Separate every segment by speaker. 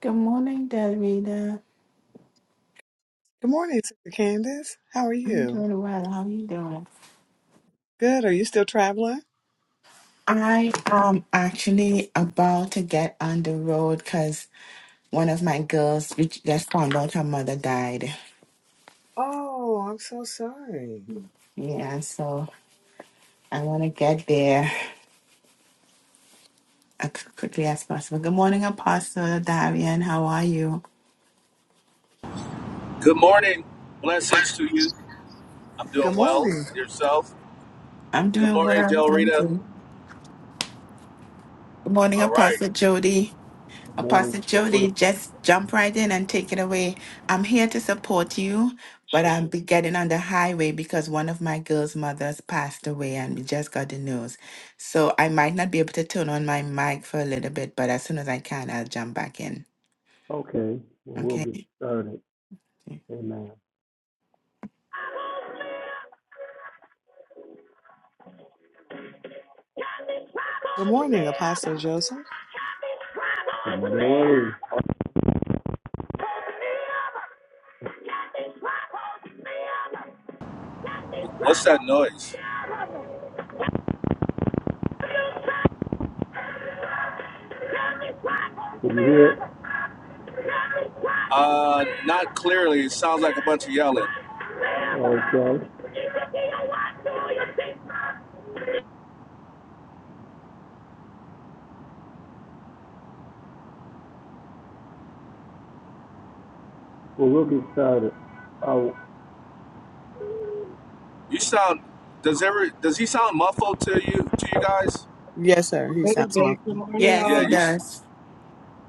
Speaker 1: Good morning, Davida.
Speaker 2: Good morning, Sister Candace. How are
Speaker 1: I'm
Speaker 2: you?
Speaker 1: doing well. How are you doing?
Speaker 2: Good. Are you still traveling?
Speaker 1: I am actually about to get on the road because one of my girls we just found out her mother died.
Speaker 2: Oh, I'm so sorry.
Speaker 1: Yeah, so I want to get there as quickly as possible. Good morning, Apostle Darian. How are you?
Speaker 3: Good morning. Blessings to you. I'm
Speaker 2: Good
Speaker 3: doing well.
Speaker 2: morning.
Speaker 3: And yourself?
Speaker 1: I'm
Speaker 3: Good
Speaker 1: doing
Speaker 3: morning,
Speaker 1: well.
Speaker 3: Del
Speaker 1: Thank
Speaker 3: Rita.
Speaker 1: you. Good morning,
Speaker 3: All right.
Speaker 1: Apostle Jody.
Speaker 4: Good
Speaker 1: Apostle
Speaker 4: morning. Morning.
Speaker 1: Jody, just jump right in and take it away. I'm here to support you, but I'm be getting on the highway because one of my girls' mothers passed away and we just got the news. So I might not be able to turn on my mic for a little bit, but as soon as I can, I'll jump back in.
Speaker 4: Okay, well, we'll
Speaker 1: Okay?
Speaker 4: get started. Amen.
Speaker 2: Good morning, Apostle Joseph.
Speaker 4: Good morning.
Speaker 3: What's that noise?
Speaker 4: Can you hear? it?
Speaker 3: Uh, not clearly. It sounds like a bunch of yelling.
Speaker 4: Okay. Well, we'll get started. Uh,
Speaker 3: You sound. Does ever does he sound muffled to you to you guys?
Speaker 2: Yes, sir. He
Speaker 5: Good
Speaker 2: sounds
Speaker 5: bit. Good
Speaker 2: muffled.
Speaker 5: morning,
Speaker 1: Yes,
Speaker 3: Yeah.
Speaker 1: he
Speaker 3: You. s-
Speaker 5: all.
Speaker 1: does.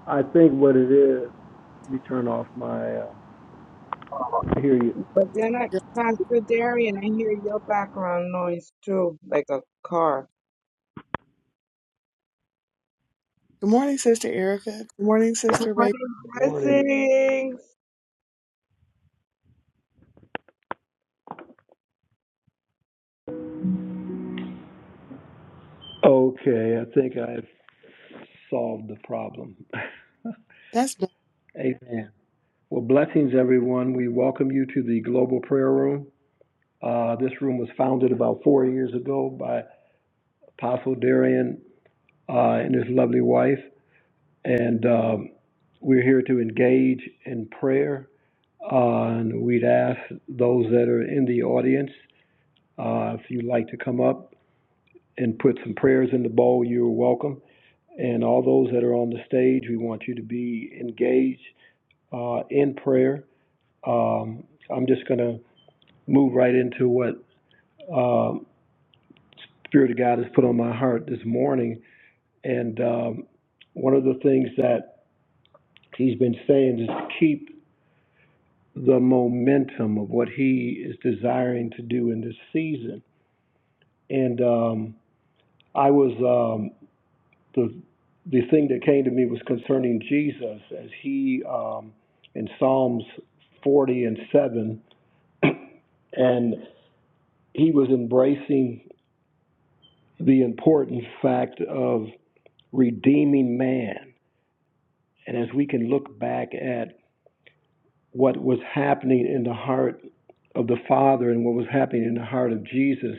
Speaker 4: I think what it is, let me turn off my, um, I hear you.
Speaker 5: But then I,
Speaker 2: Good
Speaker 5: Pastor Darian, I hear your background noise too, like a car.
Speaker 2: Good morning, Sister Erica. Good morning,
Speaker 5: Good
Speaker 2: Sister Ray.
Speaker 5: morning,
Speaker 4: Good morning.
Speaker 5: blessings.
Speaker 4: Okay, I think I've solved the problem.
Speaker 2: That's been
Speaker 4: Amen. Well, blessings, everyone. We welcome you to the Global Prayer Room. Uh, this room was founded about four years ago by Apostle Darian uh, and his lovely wife. And um, we're here to engage in prayer. Uh, and we'd ask those that are in the audience uh, if you'd like to come up and put some prayers in the bowl, you're welcome. And all those that are on the stage, we want you to be engaged uh, in prayer. Um, I'm just going to move right into what um, Spirit of God has put on my heart this morning. And um, one of the things that He's been saying is to keep the momentum of what he is desiring to do in this season. And um, I was um, the the thing that came to me was concerning Jesus as he um, in Psalms 40 and 7, and he was embracing the important fact of redeeming man. And as we can look back at what was happening in the heart of the Father and what was happening in the heart of Jesus,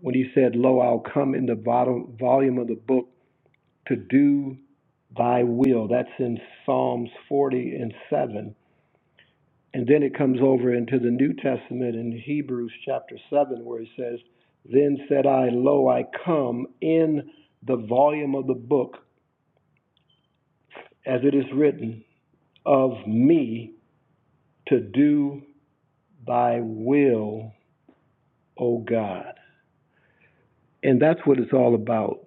Speaker 4: when he said, Lo, I'll come in the bottom volume of the book to do thy will. That's in Psalms 40 and 7. And then it comes over into the New Testament in Hebrews chapter 7, where it says, Then said I, Lo, I come in the volume of the book, as it is written, of me to do thy will, O God. And that's what it's all about.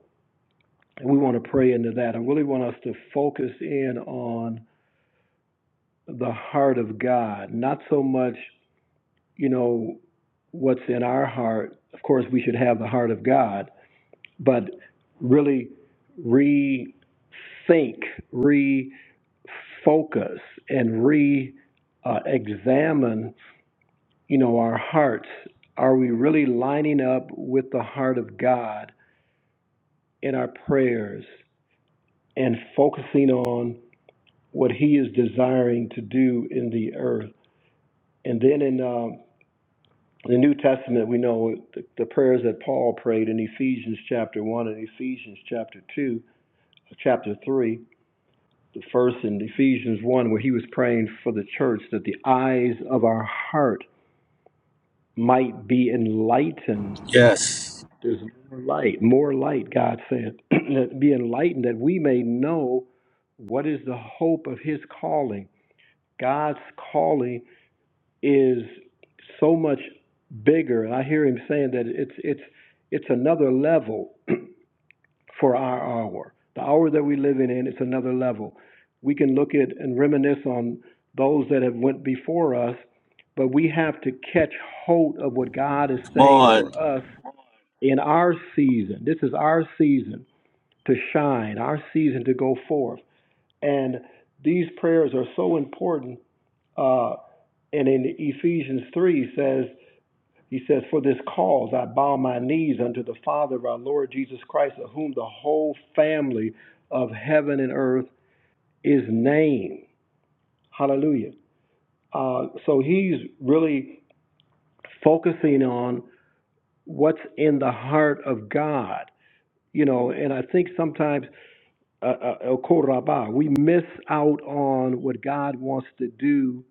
Speaker 4: And we want to pray into that. I really want us to focus in on the heart of God, not so much, you know, what's in our heart. Of course, we should have the heart of God, but really rethink, refocus, and re uh, examine, you know, our hearts. Are we really lining up with the heart of God in our prayers and focusing on what He is desiring to do in the earth? And then in uh, the New Testament, we know the, the prayers that Paul prayed in Ephesians chapter 1 and Ephesians chapter 2, chapter 3, the first in Ephesians 1, where he was praying for the church that the eyes of our heart might be enlightened.
Speaker 3: Yes.
Speaker 4: There's more light, more light, God said. That be enlightened that we may know what is the hope of his calling. God's calling is so much bigger. And I hear him saying that it's it's it's another level for our hour. The hour that we live in, it's another level. We can look at and reminisce on those that have went before us, but we have to catch hold of what God is
Speaker 3: Come
Speaker 4: saying
Speaker 3: on.
Speaker 4: for us in our season. This is our season to shine, our season to go forth. And these prayers are so important. Uh, and in Ephesians 3 says he says, For this cause I bow my knees unto the Father of our Lord Jesus Christ, of whom the whole family of heaven and earth is named. Hallelujah. Uh, so he's really focusing on what's in the heart of God. You know, and I think sometimes, uh, uh, El Korabah, we miss out on what God wants to do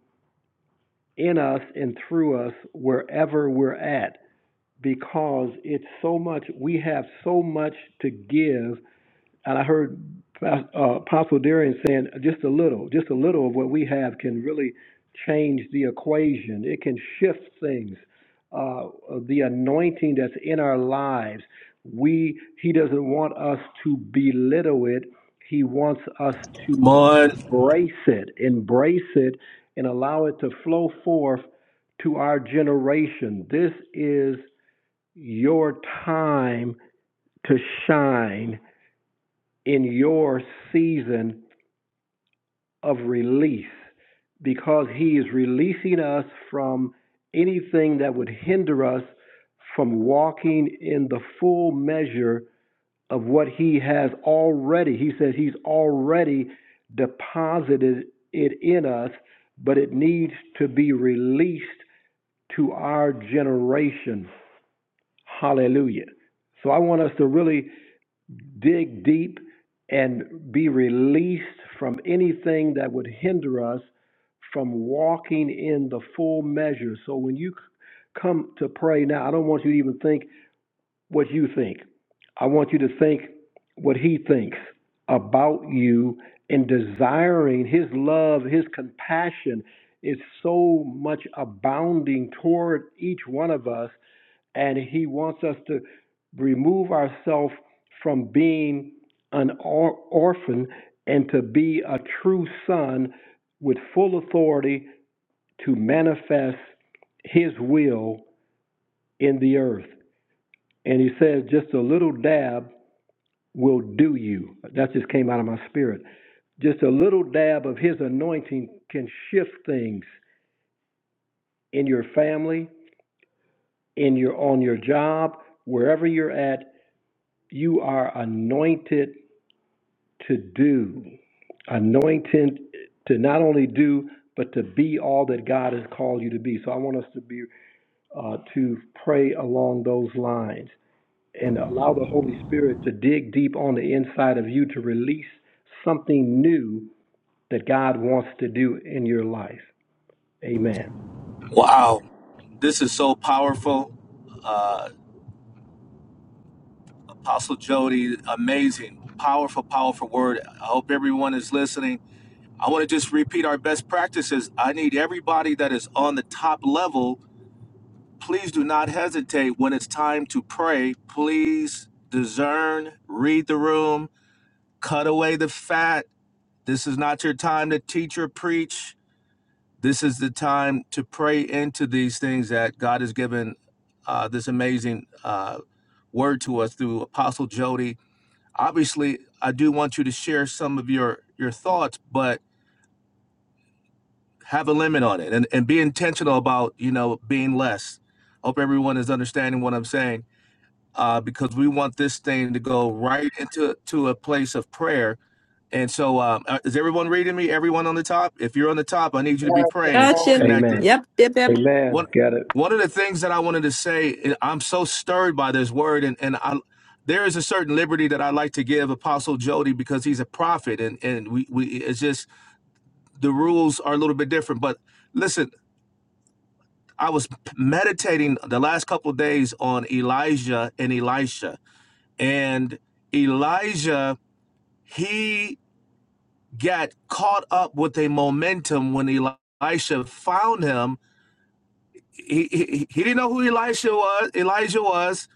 Speaker 4: in us and through us wherever we're at because it's so much, we have so much to give. And I heard uh, Apostle Darian saying just a little, just a little of what we have can really change the equation. It can shift things. Uh, the anointing that's in our lives, we, he doesn't want us to belittle it. He wants us
Speaker 3: Come
Speaker 4: to
Speaker 3: on.
Speaker 4: embrace it, embrace it, and allow it to flow forth to our generation. This is your time to shine in your season of release because He is releasing us from anything that would hinder us from walking in the full measure of what He has already. He says He's already deposited it in us, but it needs to be released to our generation. Hallelujah. So I want us to really dig deep and be released from anything that would hinder us from walking in the full measure. So when you c- come to pray now, I don't want you to even think what you think. I want you to think what he thinks about you and desiring his love, his compassion is so much abounding toward each one of us and he wants us to remove ourselves from being an or- orphan and to be a true son with full authority to manifest his will in the earth. And he says, just a little dab will do you. That just came out of my spirit. Just a little dab of his anointing can shift things in your family, in your on your job, wherever you're at, you are anointed to do, anointing to not only do, but to be all that God has called you to be. So I want us to be uh, to pray along those lines and allow the Holy Spirit to dig deep on the inside of you to release something new that God wants to do in your life. Amen.
Speaker 3: Wow. This is so powerful. Uh, Apostle Jody, amazing, powerful, powerful word. I hope everyone is listening I want to just repeat our best practices. I need everybody that is on the top level. Please do not hesitate when it's time to pray. Please discern, read the room, cut away the fat. This is not your time to teach or preach. This is the time to pray into these things that God has given uh, this amazing uh, word to us through Apostle Jody. Obviously, I do want you to share some of your your thoughts, but have a limit on it and, and be intentional about you know being less hope everyone is understanding what i'm saying uh, because we want this thing to go right into to a place of prayer and so um, uh, is everyone reading me everyone on the top if you're on the top i need you to be
Speaker 5: Yes,
Speaker 3: praying
Speaker 6: Got you.
Speaker 3: connected
Speaker 4: Amen.
Speaker 6: Yep, yep, yep.
Speaker 3: one
Speaker 4: Amen. Got it.
Speaker 3: one of the things that i wanted to say and i'm so stirred by this word and, and i there is a certain liberty that I like to give Apostle Jody because he's a prophet, and and we, we it's just the rules are a little bit different. But listen, I was meditating the last couple of days on Elijah and Elisha. And Elijah, he got caught up with a momentum when Elisha found him. He, he, he didn't know who Elisha was. Elijah was.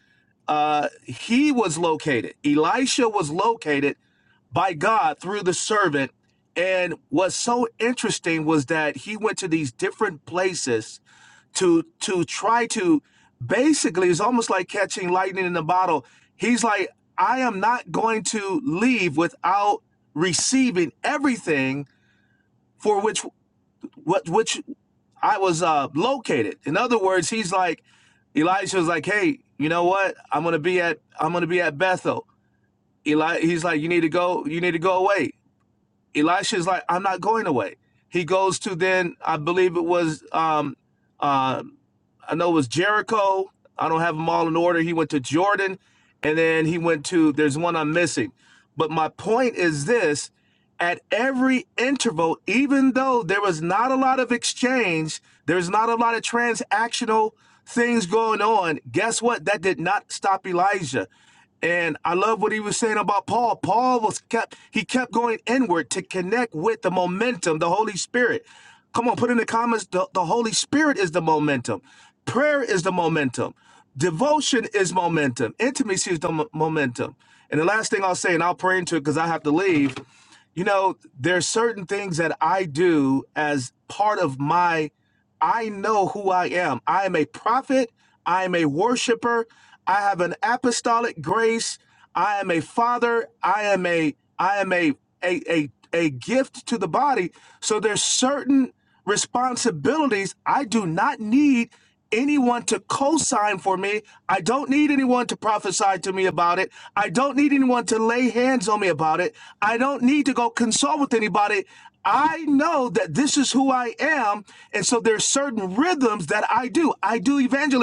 Speaker 3: Uh, he was located. Elisha was located by God through the servant. And what's so interesting was that he went to these different places to to try to basically it's almost like catching lightning in a bottle he's like i am not going to leave without receiving everything for which what which i was uh located in other words he's like Elijah was like, "Hey, you know what? I'm gonna be at I'm gonna be at Bethel." Eli, he's like, "You need to go. You need to go away." Elisha is like, I'm not going away. He goes to then, I believe it was, um, uh, I know it was Jericho. I don't have them all in order. He went to Jordan, and then he went to. There's one I'm missing, but my point is this: at every interval, even though there was not a lot of exchange, there's not a lot of transactional things going on. Guess what? That did not stop Elijah. And I love what he was saying about Paul. Paul was kept he kept going inward to connect with the momentum, the Holy Spirit. Come on, put in the comments the, the Holy Spirit is the momentum. Prayer is the momentum. Devotion is momentum. Intimacy is the mo- momentum. And the last thing I'll say, and I'll pray into it because I have to leave you know there's certain things that i do as part of my i know who i am i am a prophet i am a worshiper i have an apostolic grace i am a father i am a i am a a a, a gift to the body so there's certain responsibilities i do not need anyone to co sign for me. I don't need anyone to prophesy to me about it. I don't need anyone to lay hands on me about it. I don't need to go consult with anybody. I know that this is who I am. And so there's certain rhythms that I do. I do evangelism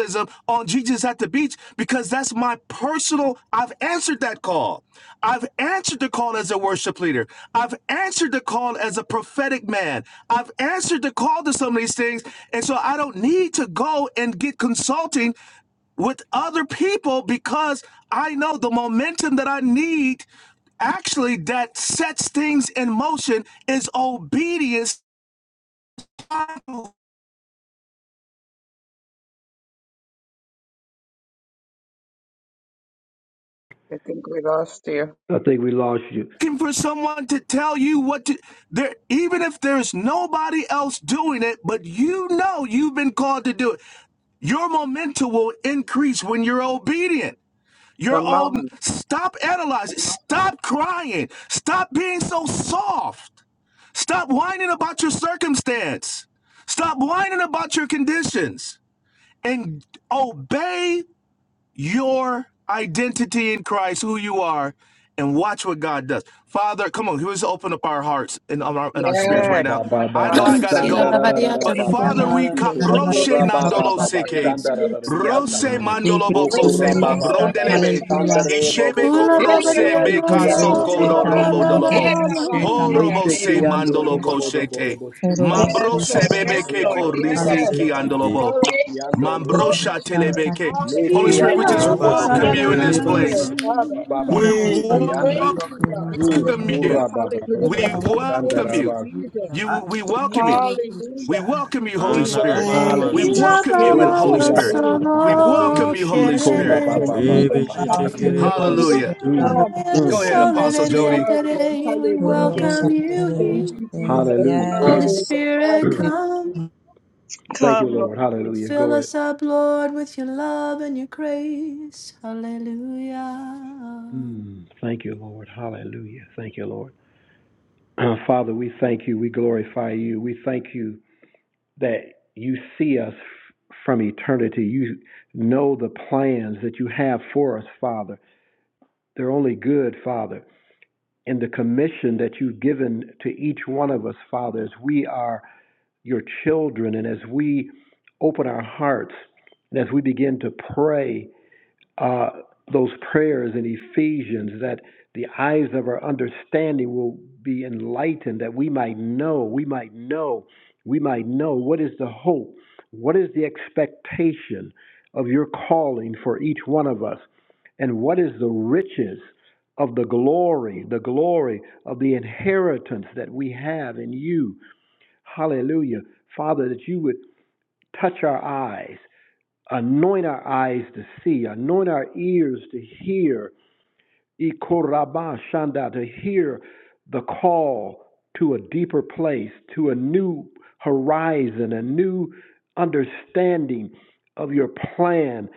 Speaker 3: on Jesus at the beach because that's my personal. I've answered that call. I've answered the call as a worship leader. I've answered the call as a prophetic man. I've answered the call to some of these things. And so I don't need to go and get consulting with other people because I know the momentum that I need actually that sets things in motion is obedience
Speaker 5: I think we lost you.
Speaker 4: I think we lost you.
Speaker 3: looking for someone to tell you what to there even if there's nobody else doing it but you know you've been called to do it your momentum will increase when you're obedient your
Speaker 5: Come
Speaker 3: own
Speaker 5: on.
Speaker 3: stop analyzing stop crying stop being so soft stop whining about your circumstance stop whining about your conditions and obey your identity in Christ, who you are, and watch what God does. Father, come on, let's open up our hearts and our, and our spirits right
Speaker 5: Yes,
Speaker 3: now.
Speaker 5: my
Speaker 3: I know
Speaker 5: God.
Speaker 3: I gotta
Speaker 6: Sheila
Speaker 3: go,
Speaker 5: Hallelujah.
Speaker 6: babadia, da
Speaker 3: but
Speaker 6: da
Speaker 7: Thank
Speaker 5: Thank you,
Speaker 6: da.
Speaker 3: Father,
Speaker 2: out
Speaker 3: we
Speaker 2: of
Speaker 5: Jesus.
Speaker 2: the
Speaker 5: Oh,
Speaker 3: kaproshe
Speaker 5: Lord,
Speaker 3: nandolo
Speaker 5: Sarabasea.
Speaker 3: seke,
Speaker 5: Maybe
Speaker 6: Sheila
Speaker 3: rose
Speaker 4: Shanda
Speaker 5: Sarabasea.
Speaker 8: Rana na
Speaker 3: mandolo
Speaker 7: you,
Speaker 3: boko
Speaker 5: Yes,
Speaker 3: se
Speaker 4: Okura baba
Speaker 7: Jesus.
Speaker 5: Lord,
Speaker 4: baba
Speaker 5: yes,
Speaker 4: baba
Speaker 3: mabrondelebe,
Speaker 7: Hallelujah.
Speaker 4: standare
Speaker 5: Sarabasea,
Speaker 4: bobo
Speaker 3: ishebe
Speaker 4: bobo
Speaker 5: Here,
Speaker 4: bobo bobo
Speaker 3: koprose
Speaker 6: babadia,
Speaker 5: Lord,
Speaker 3: be
Speaker 6: da
Speaker 5: Sarabasea.
Speaker 4: shiti
Speaker 6: da
Speaker 5: Erabasea,
Speaker 3: kaso
Speaker 4: ando
Speaker 7: Rereche
Speaker 6: da
Speaker 3: godo
Speaker 4: kura
Speaker 5: Bababaki.
Speaker 6: da
Speaker 4: baba
Speaker 3: rombo
Speaker 6: da
Speaker 7: talaman
Speaker 4: baba
Speaker 6: da
Speaker 3: dolobo,
Speaker 7: tarabashe
Speaker 6: da.
Speaker 5: Erabasea,
Speaker 7: talaman
Speaker 3: horobo
Speaker 4: neshe
Speaker 3: se
Speaker 4: ando
Speaker 3: mandolo
Speaker 7: tarabashe.
Speaker 4: robo
Speaker 5: Rebusea,
Speaker 4: bobo bobo
Speaker 3: koshete,
Speaker 4: bobo shita
Speaker 7: Orobo
Speaker 4: rara
Speaker 5: Yes,
Speaker 4: baba
Speaker 7: santa
Speaker 3: mambrose
Speaker 5: Lord.
Speaker 4: baba
Speaker 3: bebe
Speaker 5: Yes,
Speaker 4: le
Speaker 8: na
Speaker 5: Lord.
Speaker 7: rabashe.
Speaker 3: keko
Speaker 4: ando
Speaker 8: mama
Speaker 4: kura
Speaker 5: Yes.
Speaker 7: Hallelujah.
Speaker 4: baba
Speaker 3: risiki
Speaker 4: baba baba
Speaker 8: masitiki,
Speaker 3: andolobo.
Speaker 4: shiti
Speaker 5: Courageous
Speaker 4: ando
Speaker 5: and
Speaker 4: robo bobo
Speaker 3: Mambrosha
Speaker 5: boldness, Lord.
Speaker 7: Santa
Speaker 3: telebeke.
Speaker 7: rabashe.
Speaker 4: le
Speaker 3: Holy Spirit, we
Speaker 4: ando
Speaker 5: Hallelujah.
Speaker 3: just
Speaker 6: Sheila
Speaker 4: robo
Speaker 8: Raba
Speaker 4: bobo
Speaker 3: welcome
Speaker 4: bobo
Speaker 5: Thank
Speaker 3: you
Speaker 6: babadia,
Speaker 3: in
Speaker 5: you,
Speaker 4: bobo
Speaker 6: na
Speaker 8: sitekere
Speaker 3: this
Speaker 6: na
Speaker 8: basa,
Speaker 3: place.
Speaker 5: Jesus,
Speaker 4: bobo baba
Speaker 5: Father.
Speaker 4: baba
Speaker 6: na.
Speaker 4: baba
Speaker 7: Kira
Speaker 3: We
Speaker 2: Yeah,
Speaker 5: We
Speaker 4: shiti
Speaker 7: santa
Speaker 2: hallelujah. we
Speaker 4: anda
Speaker 5: praise
Speaker 3: welcome
Speaker 5: you,
Speaker 2: welcome you, Holy
Speaker 5: God.
Speaker 7: rabashe.
Speaker 2: Spirit.
Speaker 4: mm
Speaker 7: Hallelujah.
Speaker 5: Hallelujah.
Speaker 3: you.
Speaker 4: kura baba
Speaker 2: We
Speaker 4: baba
Speaker 5: Hallelujah.
Speaker 3: We
Speaker 2: welcome you,
Speaker 5: Thank
Speaker 2: Holy
Speaker 3: welcome
Speaker 4: standara
Speaker 5: you,
Speaker 2: Spirit.
Speaker 3: you.
Speaker 4: baba
Speaker 5: Jesus.
Speaker 3: You we
Speaker 2: We
Speaker 3: welcome
Speaker 2: don't
Speaker 3: you.
Speaker 2: know what we're
Speaker 3: We
Speaker 5: Hallelujah.
Speaker 2: trying to-
Speaker 3: welcome you, Holy
Speaker 5: We
Speaker 8: Ana na
Speaker 3: Spirit.
Speaker 5: welcome
Speaker 8: mama
Speaker 5: you,
Speaker 2: Thank
Speaker 3: We
Speaker 2: you,
Speaker 5: Holy
Speaker 4: hallelujah
Speaker 8: masi,
Speaker 2: Jesus.
Speaker 6: Sheila
Speaker 3: welcome you in
Speaker 5: Spirit.
Speaker 4: O
Speaker 3: the
Speaker 5: Have
Speaker 3: Holy
Speaker 6: babadia,
Speaker 4: kura
Speaker 5: your
Speaker 3: Spirit.
Speaker 4: baba
Speaker 5: way. Have
Speaker 3: We
Speaker 4: baba
Speaker 5: your
Speaker 6: solo,
Speaker 4: baba
Speaker 3: welcome you,
Speaker 5: way.
Speaker 6: cie,
Speaker 4: shi
Speaker 3: Holy
Speaker 6: re,
Speaker 4: kura
Speaker 5: Let
Speaker 3: Spirit.
Speaker 6: re.
Speaker 5: your
Speaker 4: baba
Speaker 2: individually,
Speaker 4: baba
Speaker 7: We
Speaker 5: kingdom
Speaker 8: baby
Speaker 4: baba
Speaker 5: come.
Speaker 2: collectively, oh
Speaker 4: shanda
Speaker 5: Let
Speaker 7: welcome
Speaker 8: shitekere
Speaker 2: God.
Speaker 7: you,
Speaker 5: your
Speaker 7: Holy
Speaker 6: Sheila
Speaker 5: kingdom
Speaker 8: basa
Speaker 3: Hallelujah.
Speaker 7: Spirit.
Speaker 8: do.
Speaker 4: mm
Speaker 5: come.
Speaker 7: Hallelujah.
Speaker 6: babadia,
Speaker 2: Hallelujah.
Speaker 4: mm
Speaker 3: Go
Speaker 2: Oh,
Speaker 3: ahead,
Speaker 5: In
Speaker 2: she
Speaker 6: solo,
Speaker 3: Apostle
Speaker 6: re,
Speaker 2: did
Speaker 6: re,
Speaker 3: Jody.
Speaker 5: DPR,
Speaker 6: re,
Speaker 5: Lord.
Speaker 2: it.
Speaker 6: re. We
Speaker 7: Orobo
Speaker 5: Hallelujah.
Speaker 6: welcome
Speaker 2: Glory to
Speaker 7: santa
Speaker 6: you
Speaker 2: God.
Speaker 5: Thank
Speaker 6: here.
Speaker 5: you, Jesus.
Speaker 7: rabashe.
Speaker 4: Hallelujah.
Speaker 6: Holy
Speaker 5: Hallelujah.
Speaker 7: Yes.
Speaker 6: Spirit,
Speaker 7: We
Speaker 6: come.
Speaker 7: welcome
Speaker 4: Thank you,
Speaker 5: Come,
Speaker 4: Lord.
Speaker 5: Lord.
Speaker 4: Hallelujah.
Speaker 6: Fill
Speaker 4: Go ahead.
Speaker 6: us up, Lord, with your love and your grace. Hallelujah.
Speaker 4: Mm, thank you, Lord. Hallelujah. Thank you, Lord. Uh, Father, we thank you. We glorify you. We thank you that you see us f- from eternity. You know the plans that you have for us, Father. They're only good, Father. And the commission that you've given to each one of us, Father, as we are your children and as we open our hearts and as we begin to pray uh, those prayers in Ephesians that the eyes of our understanding will be enlightened, that we might know, we might know, we might know what is the hope, what is the expectation of your calling for each one of us, and what is the riches of the glory, the glory of the inheritance that we have in you. Hallelujah. Father, that you would touch our eyes, Anoint our eyes to see, anoint our ears to hear, Ikoraba shanda, to hear the call to a deeper place, to a new horizon, a new understanding of your plan,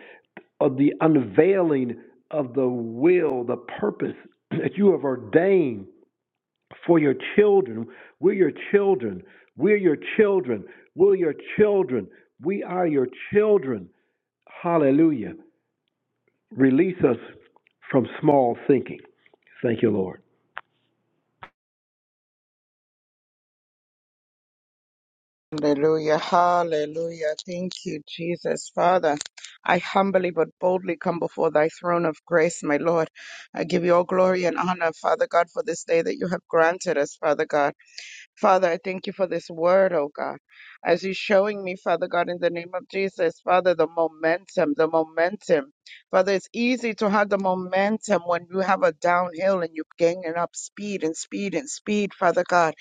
Speaker 4: of the unveiling of the will, the purpose that you have ordained for your children. We're your children. We're your children. We're your children. We are your children. Hallelujah. Release us from small thinking. Thank you, Lord.
Speaker 5: Hallelujah, hallelujah. Thank you, Jesus. Father, I humbly but boldly come before thy throne of grace, my Lord. I give you all glory and honor, Father God, for this day that you have granted us, Father God. Father, I thank you for this word, oh God. As you're showing me, Father God, in the name of Jesus, Father, the momentum, the momentum. Father, it's easy to have the momentum when you have a downhill and you're gaining up speed and speed and speed, Father God.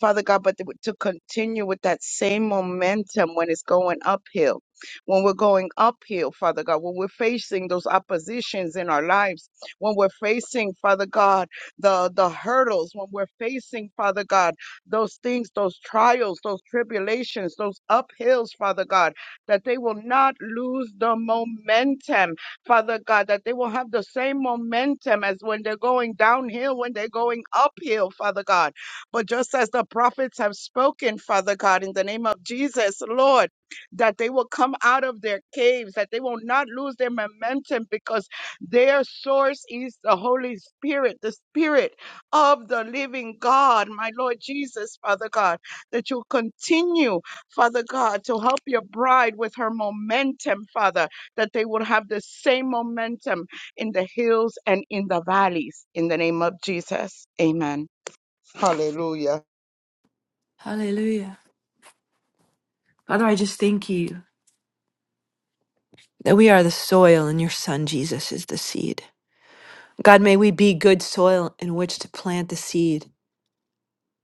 Speaker 5: Father God, but to continue with that same momentum when it's going uphill, when we're going uphill, Father God, when we're facing those oppositions in our lives, when we're facing, Father God, the, the hurdles, when we're facing, Father God, those things, those trials, those tribulations, those uphills, Father God, that they will not lose the momentum, Father God, that they will have the same momentum as when they're going downhill, when they're going uphill, Father God. But just as the prophets have spoken, Father God, in the name of Jesus, Lord, that they will come out of their caves, that they will not lose their momentum because their source is the Holy Spirit, the Spirit of the living God, my Lord Jesus, Father God, that you continue, Father God, to help your bride with her momentum, Father, that they will have the same momentum in the hills and in the valleys. In the name of Jesus, amen. Hallelujah.
Speaker 6: Hallelujah. Father, I just thank you that we are the soil and your son Jesus is the seed. God, may we be good soil in which to plant the seed.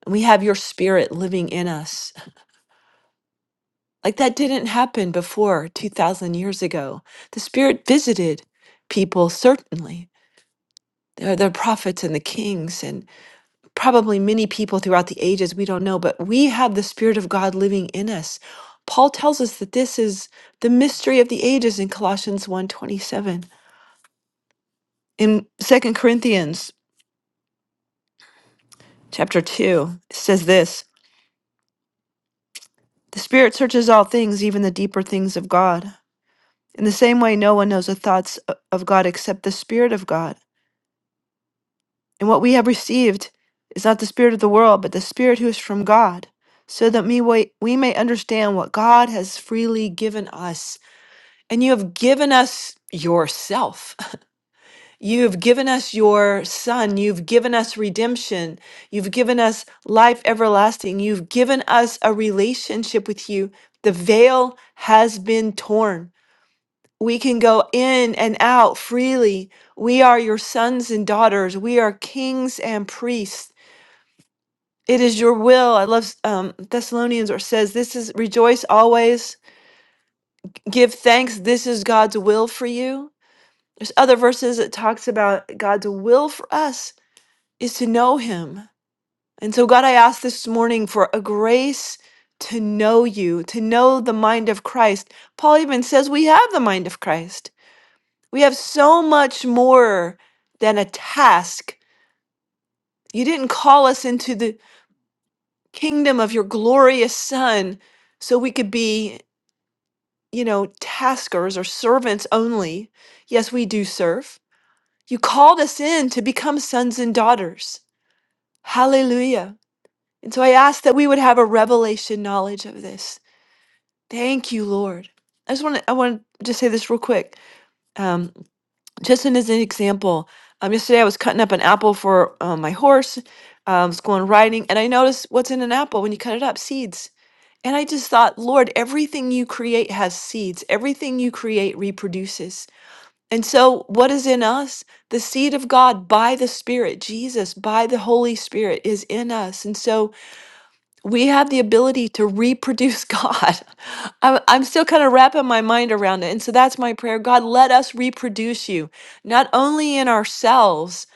Speaker 6: And we have your spirit living in us. Like that didn't happen before 2,000 years ago. The spirit visited people, certainly. There are the prophets and the kings, and probably many people throughout the ages, we don't know, but we have the Spirit of God living in us. Paul tells us that this is the mystery of the ages in Colossians one twenty seven. In Second Corinthians chapter 2, it says this: "The Spirit searches all things, even the deeper things of God. In the same way no one knows the thoughts o- of God except the Spirit of God. And what we have received is not the spirit of the world, but the Spirit who is from God." So that me- we, wa- we may understand what God has freely given us And you have given us yourself. You have given us your son. You've given us redemption. You've given us life everlasting. You've given us a relationship with you. The veil has been torn. We can go in and out freely. We are your sons and daughters. We are kings and priests. It is your will. I love um, Thessalonians, or says, This is rejoice always, give thanks. This is God's will for you. There's other verses that talks about God's will for us is to know him. And so God, I ask this morning for a grace to know you, to know the mind of Christ. Paul even says we have the mind of Christ. We have so much more than a task. You didn't call us into the kingdom of your glorious son so we could be, you know, taskers or servants only. Yes, we do serve. You called us in to become sons and daughters. Hallelujah. And so I ask that we would have a revelation knowledge of this. Thank you, Lord. I just want to I want to just say this real quick. Um, just in as an example, um, yesterday I was cutting up an apple for uh, my horse. Um, was going riding, and I noticed what's in an apple when you cut it up: seeds. And I just thought, Lord, everything you create has seeds. Everything you create reproduces. And so, what is in us? The seed of God by the Spirit, Jesus, by the Holy Spirit, is in us. And so, we have the ability to reproduce God. I'm, I'm still kind of wrapping my mind around it. And so that's my prayer God, let us reproduce you, not only in ourselves,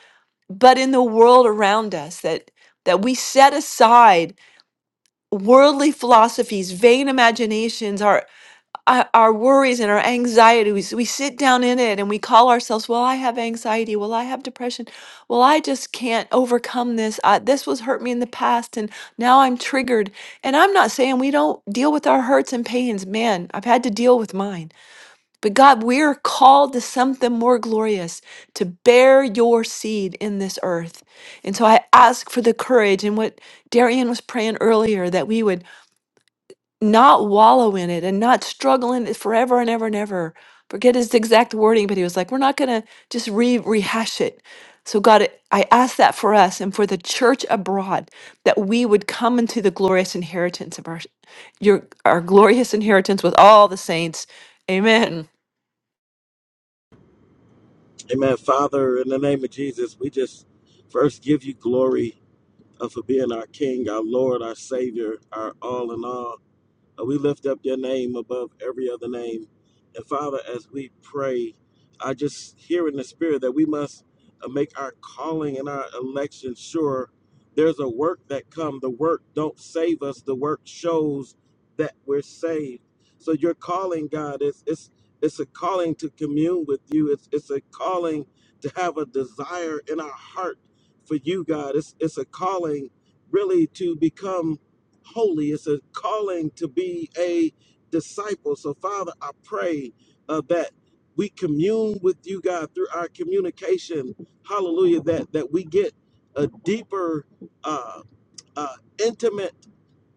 Speaker 6: but in the world around us, that, that we set aside worldly philosophies, vain imaginations, our our our worries and our anxieties. We sit down in it and we call ourselves, well, I have anxiety. Well, I have depression. Well, I just can't overcome this. I, this was hurt me in the past and now I'm triggered. And I'm not saying we don't deal with our hurts and pains. Man, I've had to deal with mine. But God, we're called to something more glorious to bear your seed in this earth. And so I ask for the courage and what Darian was praying earlier that we would not wallow in it and not struggle in it forever and ever and ever. Forget his exact wording, but he was like, we're not going to just re rehash it. So, God, I I ask that for us and for the church abroad that we would come into the glorious inheritance of our your our glorious inheritance with all the saints. Amen.
Speaker 8: Amen. Father, in the name of Jesus, we just first give you glory uh, for being our King, our Lord, our Savior, our all in all. Uh, We lift up your name above every other name. And Father, as we pray, I just hear in the spirit that we must uh, make our calling and our election sure. There's a work that come. The work don't save us. The work shows that we're saved. So your calling, God, is it's it's a calling to commune with you. It's it's a calling to have a desire in our heart for you, God. It's it's a calling really to become holy. It's a calling to be a disciple. So, Father, I pray uh, that we commune with you, God, through our communication. Hallelujah. That that we get a deeper, uh, uh, intimate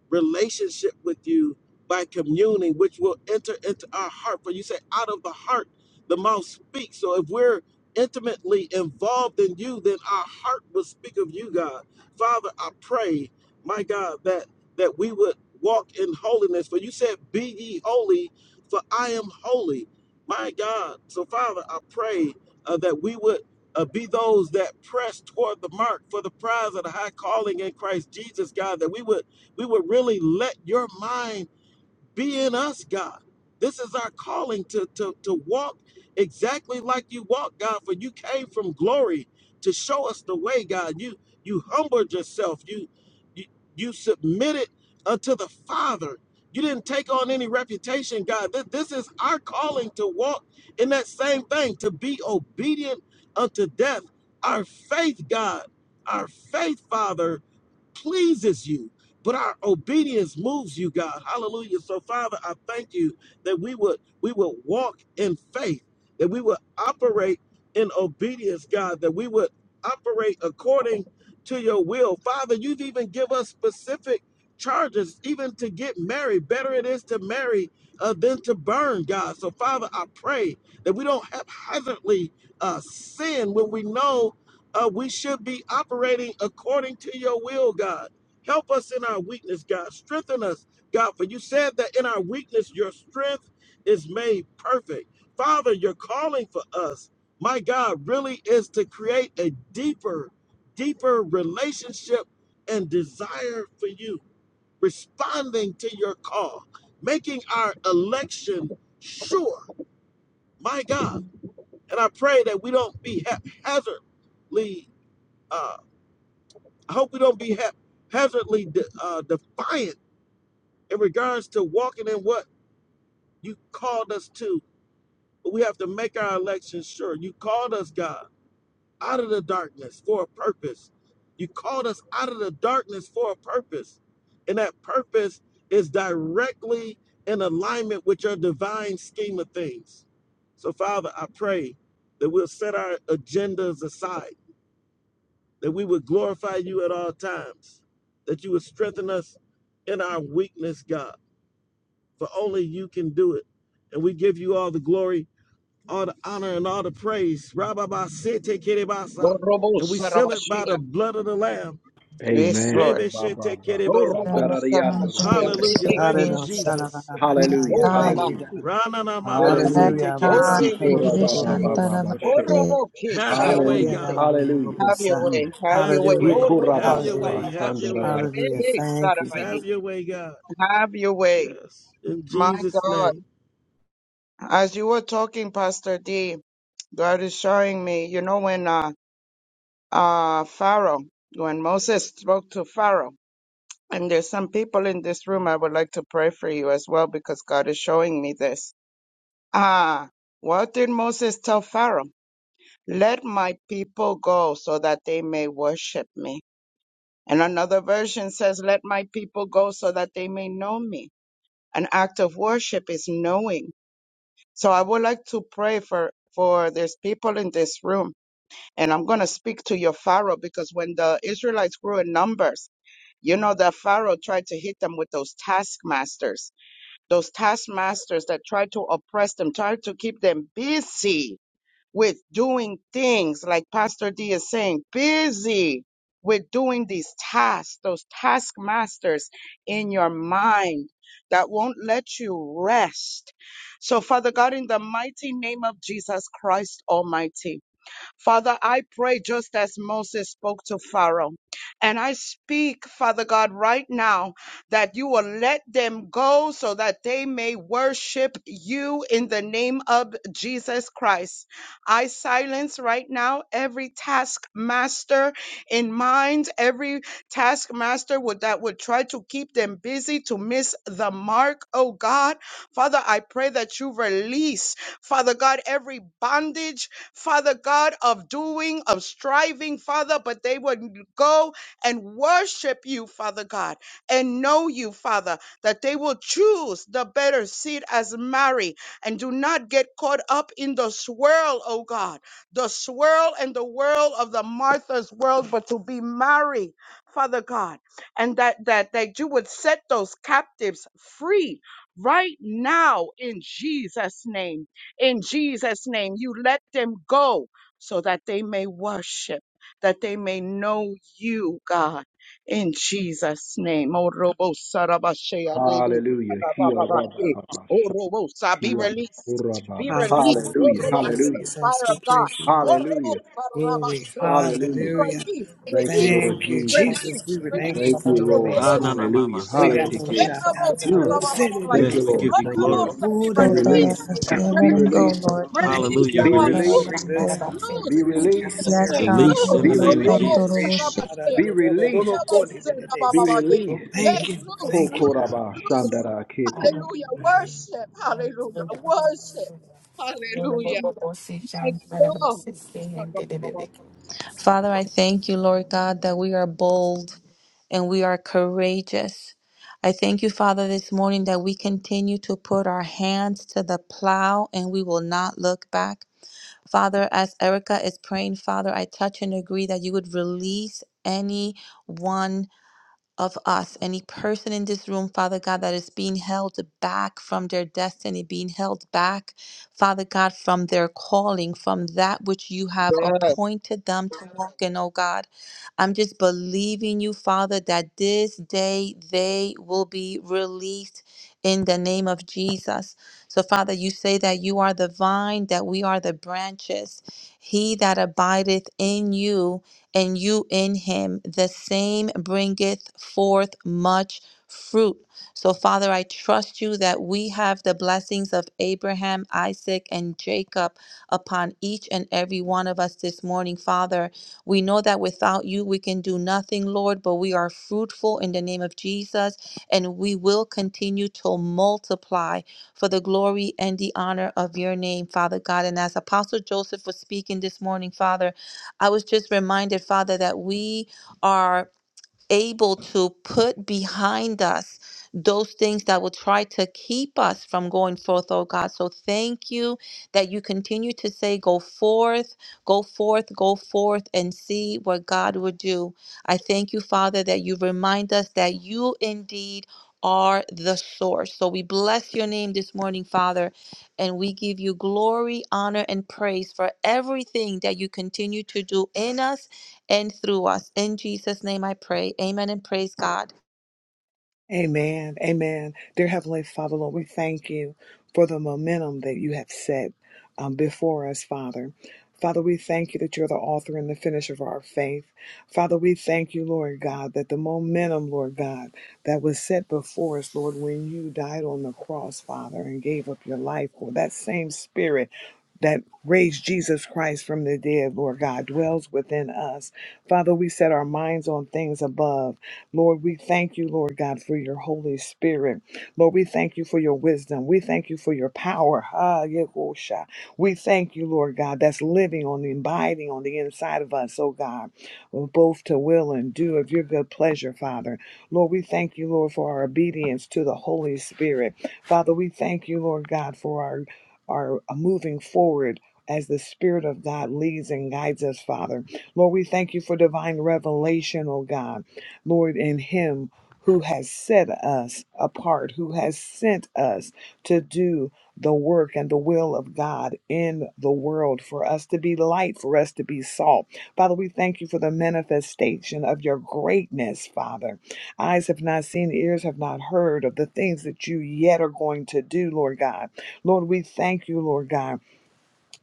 Speaker 8: relationship with you by communing, which will enter into our heart. For you say, out of the heart, the mouth speaks. So if we're intimately involved in you, then our heart will speak of you, God. Father, I pray, my God, that that we would walk in holiness. For you said, Be ye holy, for I am holy. My God. So Father, I pray uh, that we would uh, be those that press toward the mark for the prize of the high calling in Christ Jesus, God, that we would we would really let your mind be in us, God. This is our calling to, to, to walk exactly like you walk, God, for you came from glory to show us the way, God. You you humbled yourself. You you, you submitted unto the Father. You didn't take on any reputation, God. Th- This is our calling to walk in that same thing, to be obedient unto death. Our faith, God, our faith, Father, pleases you, but our obedience moves you, God. Hallelujah. So, Father, I thank you that we would we would walk in faith, that we would operate in obedience, God, that we would operate according to your will. Father, you've even give us specific charges, even to get married. Better it is to marry uh, than to burn, God. So, Father, I pray that we don't haphazardly uh, sin when we know uh, we should be operating according to your will, God. Help us in our weakness, God. Strengthen us, God, for you said that in our weakness, your strength is made perfect. Father, your calling for us, my God, really is to create a deeper, deeper relationship and desire for you, responding to your call, making our election sure, my God. And I pray that we don't be haphazardly. uh, I hope we don't be ha hazardly de- uh, defiant in regards to walking in what you called us to. But we have to make our election sure. You called us, God, out of the darkness for a purpose. You called us out of the darkness for a purpose. And that purpose is directly in alignment with your divine scheme of things. So, Father, I pray that we'll set our agendas aside that we would glorify you at all times, that you would strengthen us in our weakness, God, for only you can do it. And we give you all the glory, all the honor, and all the praise.
Speaker 5: Oh, Robo
Speaker 8: And we seal it by the
Speaker 5: Sarabashia.
Speaker 8: blood of the Lamb.
Speaker 5: Yes,
Speaker 4: Amen.
Speaker 5: Lord.
Speaker 4: Ba,
Speaker 5: Oh, Robo
Speaker 7: you, Santa
Speaker 5: Sarabashia.
Speaker 8: Hallelujah.
Speaker 7: rabashe,
Speaker 8: Thank
Speaker 5: Rebeki
Speaker 8: you,
Speaker 7: Lord.
Speaker 2: Hallelujah.
Speaker 5: Sarabu.
Speaker 8: Jesus.
Speaker 7: Yes,
Speaker 4: Hallelujah.
Speaker 5: Oh,
Speaker 2: Shalabakabakaya.
Speaker 7: God.
Speaker 2: Thank you,
Speaker 4: Hallelujah.
Speaker 5: Rabaki.
Speaker 2: God.
Speaker 5: Release.
Speaker 7: Yes,
Speaker 4: Hallelujah.
Speaker 2: Hallelujah.
Speaker 5: Oh,
Speaker 7: God.
Speaker 5: Rebe
Speaker 7: Baby,
Speaker 5: Sarabai.
Speaker 2: Basikarororororo.
Speaker 5: Oh,
Speaker 2: Sadadadeke.
Speaker 7: shantarabase.
Speaker 5: Robo Ki
Speaker 8: Have your way,
Speaker 2: Hallelujah.
Speaker 4: Hallelujah.
Speaker 5: Sarabai.
Speaker 8: God.
Speaker 4: Hallelujah.
Speaker 5: Have your
Speaker 2: Dadadadadabosa.
Speaker 4: Mm.
Speaker 5: way. Have
Speaker 8: Have
Speaker 5: your
Speaker 8: your
Speaker 5: way.
Speaker 2: Hallelujah.
Speaker 5: Oh,
Speaker 8: way.
Speaker 5: Robo
Speaker 8: Have your way.
Speaker 2: Hallelujah.
Speaker 8: Have your
Speaker 5: Sarabashia.
Speaker 8: way.
Speaker 2: Hallelujah.
Speaker 5: Rebe
Speaker 2: Thank you, God.
Speaker 5: Sarabaye.
Speaker 8: Have your way, God.
Speaker 5: Have your way.
Speaker 8: Yes. In
Speaker 5: My
Speaker 8: Jesus'
Speaker 5: God.
Speaker 8: name.
Speaker 5: As you were talking, Pastor D, God is showing me, you know, when uh, uh, Pharaoh, when Moses spoke to Pharaoh, and there's some people in this room, I would like to pray for you as well because God is showing me this. Ah, what did Moses tell Pharaoh? Let my people go so that they may worship me. And another version says, Let my people go so that they may know me. An act of worship is knowing. So I would like to pray for, for there's people in this room. And I'm going to speak to your Pharaoh because when the Israelites grew in numbers, you know that Pharaoh tried to hit them with those taskmasters, those taskmasters that tried to oppress them, tried to keep them busy with doing things like Pastor D is saying, busy with doing these tasks, those taskmasters in your mind that won't let you rest. So, Father God, in the mighty name of Jesus Christ Almighty, Father, I pray just as Moses spoke to Pharaoh. And I speak, Father God, right now that you will let them go so that they may worship you in the name of Jesus Christ. I silence right now every taskmaster in mind, every taskmaster would, that would try to keep them busy to miss the mark, oh God. Father, I pray that you release, Father God, every bondage Father God, of doing, of striving, Father, but they would go and worship you, Father God, and know you, Father, that they will choose the better seat as Mary and do not get caught up in the swirl, oh God, the swirl and the whirl of the Martha's world, but to be Mary, Father God, and that, that, that you would set those captives free right now in Jesus' name in Jesus' name. You let them go so that they may worship, that they may know you, God, in Jesus' name. Oh, Robo Sarabashea, Rebe
Speaker 4: Hallelujah.
Speaker 5: Sarabababake. Oh, Robo Sa, be released, be released.
Speaker 2: Hallelujah.
Speaker 5: Oh,
Speaker 4: Hallelujah.
Speaker 5: Robo,
Speaker 2: Thank
Speaker 5: I
Speaker 2: you,
Speaker 5: feel the
Speaker 4: Hallelujah.
Speaker 2: Jesus.
Speaker 5: fire of
Speaker 2: We
Speaker 5: God.
Speaker 2: praise you, Lord.
Speaker 5: Oh,
Speaker 4: Hallelujah.
Speaker 5: Robo
Speaker 2: Glory.
Speaker 5: Sarabashea, be
Speaker 4: Hallelujah.
Speaker 2: Hallelujah.
Speaker 5: released,
Speaker 4: Thank you,
Speaker 5: release,
Speaker 4: Lord
Speaker 2: Thank you,
Speaker 4: Jesus.
Speaker 5: release,
Speaker 2: Jesus. We would thank you
Speaker 4: Thank
Speaker 5: release.
Speaker 2: for the
Speaker 4: you,
Speaker 5: Oh,
Speaker 4: Lord.
Speaker 2: release.
Speaker 5: Robo
Speaker 8: Ranana
Speaker 4: Hallelujah.
Speaker 8: mama,
Speaker 2: We
Speaker 5: Sarabashea.
Speaker 8: see,
Speaker 2: got
Speaker 4: Hallelujah.
Speaker 2: no
Speaker 5: Eh,
Speaker 8: TK.
Speaker 2: shot.
Speaker 5: Robo
Speaker 2: Ta- ta-
Speaker 4: Mm.
Speaker 2: bo- zit- it- it-
Speaker 4: Thank
Speaker 5: Sarabababake.
Speaker 8: Yes,
Speaker 4: you,
Speaker 2: it.
Speaker 8: we give
Speaker 4: Lord.
Speaker 5: Oh,
Speaker 8: you
Speaker 4: Thank you,
Speaker 5: Robo
Speaker 8: glory.
Speaker 4: Lord.
Speaker 5: Sa, be
Speaker 2: Woo-
Speaker 4: Be
Speaker 2: da- da- da-
Speaker 7: Sotarabase.
Speaker 4: released.
Speaker 5: released
Speaker 2: da- da- ba.
Speaker 7: Let
Speaker 4: Be
Speaker 7: him go,
Speaker 5: Release,
Speaker 4: released.
Speaker 7: Lord. Baby,
Speaker 2: Thank
Speaker 5: release
Speaker 2: you
Speaker 8: Hallelujah.
Speaker 5: thou
Speaker 4: Be
Speaker 2: Lord,
Speaker 5: art
Speaker 2: for
Speaker 8: Release.
Speaker 4: released.
Speaker 5: loose,
Speaker 7: shantarabase.
Speaker 2: releasing our heart,
Speaker 4: Be
Speaker 5: loose
Speaker 2: release
Speaker 5: in
Speaker 2: of your
Speaker 4: released.
Speaker 5: Jesus'
Speaker 7: Yes,
Speaker 2: spirit.
Speaker 5: name,
Speaker 7: God.
Speaker 8: Release
Speaker 5: loose.
Speaker 8: in the
Speaker 4: Be
Speaker 5: No
Speaker 7: Orobo
Speaker 8: name of
Speaker 2: Hallelujah. We
Speaker 4: released.
Speaker 5: robo
Speaker 8: Jesus.
Speaker 2: praise you.
Speaker 7: sontoroboshe.
Speaker 2: Ha- da- da-
Speaker 5: sarabashea.
Speaker 4: Be
Speaker 2: da- da- da-
Speaker 5: Yes,
Speaker 2: da-
Speaker 4: released.
Speaker 2: da-
Speaker 5: robo
Speaker 2: ko-
Speaker 1: Blessing,
Speaker 2: di- di- di- di-
Speaker 4: Be
Speaker 1: which
Speaker 2: say.
Speaker 1: you
Speaker 5: sarabababage.
Speaker 4: released.
Speaker 1: did with the
Speaker 2: Thank
Speaker 5: Yes,
Speaker 2: you.
Speaker 5: loose,
Speaker 4: Ho
Speaker 2: Thank
Speaker 1: person.
Speaker 2: you,
Speaker 5: loose,
Speaker 4: koraba
Speaker 5: loose.
Speaker 4: shandara kete.
Speaker 1: Hallelujah.
Speaker 5: Hallelujah,
Speaker 2: God.
Speaker 5: worship, hallelujah,
Speaker 1: Hallelujah.
Speaker 5: worship,
Speaker 1: Hallelujah.
Speaker 5: hallelujah. Thank God. Sarabababake.
Speaker 7: Father, I thank you, Lord God, that we are bold and we are courageous. I thank you, Father, this morning that we continue to put our hands to the plow and we will not look back. Father, as Erica is praying, Father, I touch and agree that you would release anyone of us, any person in this room, Father God, that is being held back from their destiny, being held back, Father God, from their calling, from that which you have
Speaker 5: Yes.
Speaker 7: appointed them to walk in, oh God. I'm just believing you, Father, that this day they will be released in the name of Jesus. So, Father, you say that you are the vine, that we are the branches. He that abideth in you and you in him, the same bringeth forth much fruit. So, Father, I trust you that we have the blessings of Abraham, Isaac, and Jacob upon each and every one of us this morning, Father. We know that without you, we can do nothing, Lord, but we are fruitful in the name of Jesus, and we will continue to multiply for the glory and the honor of your name, Father God. And as Apostle Joseph was speaking this morning, Father, I was just reminded, Father, that we are able to put behind us those things that will try to keep us from going forth, oh God. So thank you that you continue to say, Go forth, go forth, go forth, and see what God will do. I thank you, Father, that you remind us that you indeed are the source. So we bless your name this morning, Father, and we give you glory, honor, and praise for everything that you continue to do in us and through us. In Jesus' name I pray. Amen and praise God.
Speaker 2: Amen. Amen. Dear Heavenly Father, Lord, we thank you for the momentum that you have set um, before us, Father. Father, we thank you that you're the author and the finisher of our faith. Father, we thank you, Lord God, that the momentum, Lord God, that was set before us, Lord, when you died on the cross, Father, and gave up your life, for that same spirit that raised Jesus Christ from the dead, Lord God, dwells within us. Father, we set our minds on things above Lord, we thank you, Lord God, for your Holy Spirit. Lord, we thank you for your wisdom. We thank you for your power. Ah, Yehosha. We thank you, Lord God, that's living on the abiding on the inside of us, oh God, both to will and do of your good pleasure, Father. Lord, we thank you, Lord, for our obedience to the Holy Spirit. Father, we thank you, Lord God, for our our uh, moving forward. As the Spirit of God leads and guides us, Father. Lord, we thank you for divine revelation, oh God. Lord, in Him who has set us apart, who has sent us to do the work and the will of God in the world, for us to be light, for us to be salt. Father, we thank you for the manifestation of your greatness, Father. Eyes have not seen, ears have not heard of the things that you yet are going to do, Lord God. Lord, we thank you, Lord God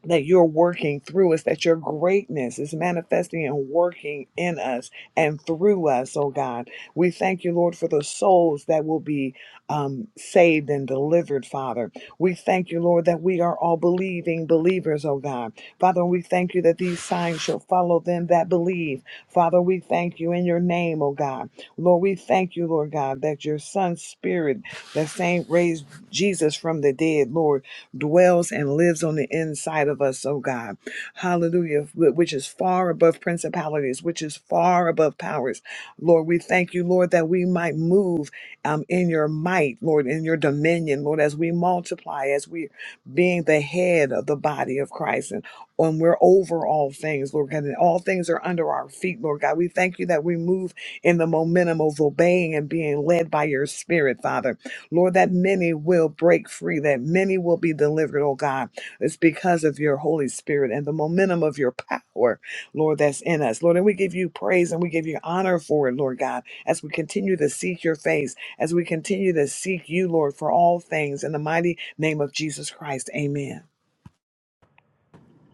Speaker 2: that you're working through us, that your greatness is manifesting and working in us and through us, oh God. We thank you, Lord, for the souls that will be um, saved and delivered, Father. We thank you, Lord, that we are all believing believers, oh God. Father, we thank you that these signs shall follow them that believe. Father, we thank you in your name, oh God. Lord, we thank you, Lord God, that your Son's spirit, the same raised Jesus from the dead, Lord dwells and lives on the inside of us, oh God. Hallelujah, which is far above principalities, which is far above powers. Lord, we thank you, Lord, that we might move um, in your might, Lord, in your dominion, Lord, as we multiply, as we being the head of the body of Christ and when we're over all things, Lord God, and all things are under our feet, Lord God. We thank you that we move in the momentum of obeying and being led by your spirit, Father. Lord, that many will break free, that many will be delivered, oh God. It's because of your Holy Spirit and the momentum of your power, Lord, that's in us. Lord, and we give you praise and we give you honor for it, Lord God, as we continue to seek your face, as we continue to seek you, Lord, for all things. In the mighty name of Jesus Christ, amen.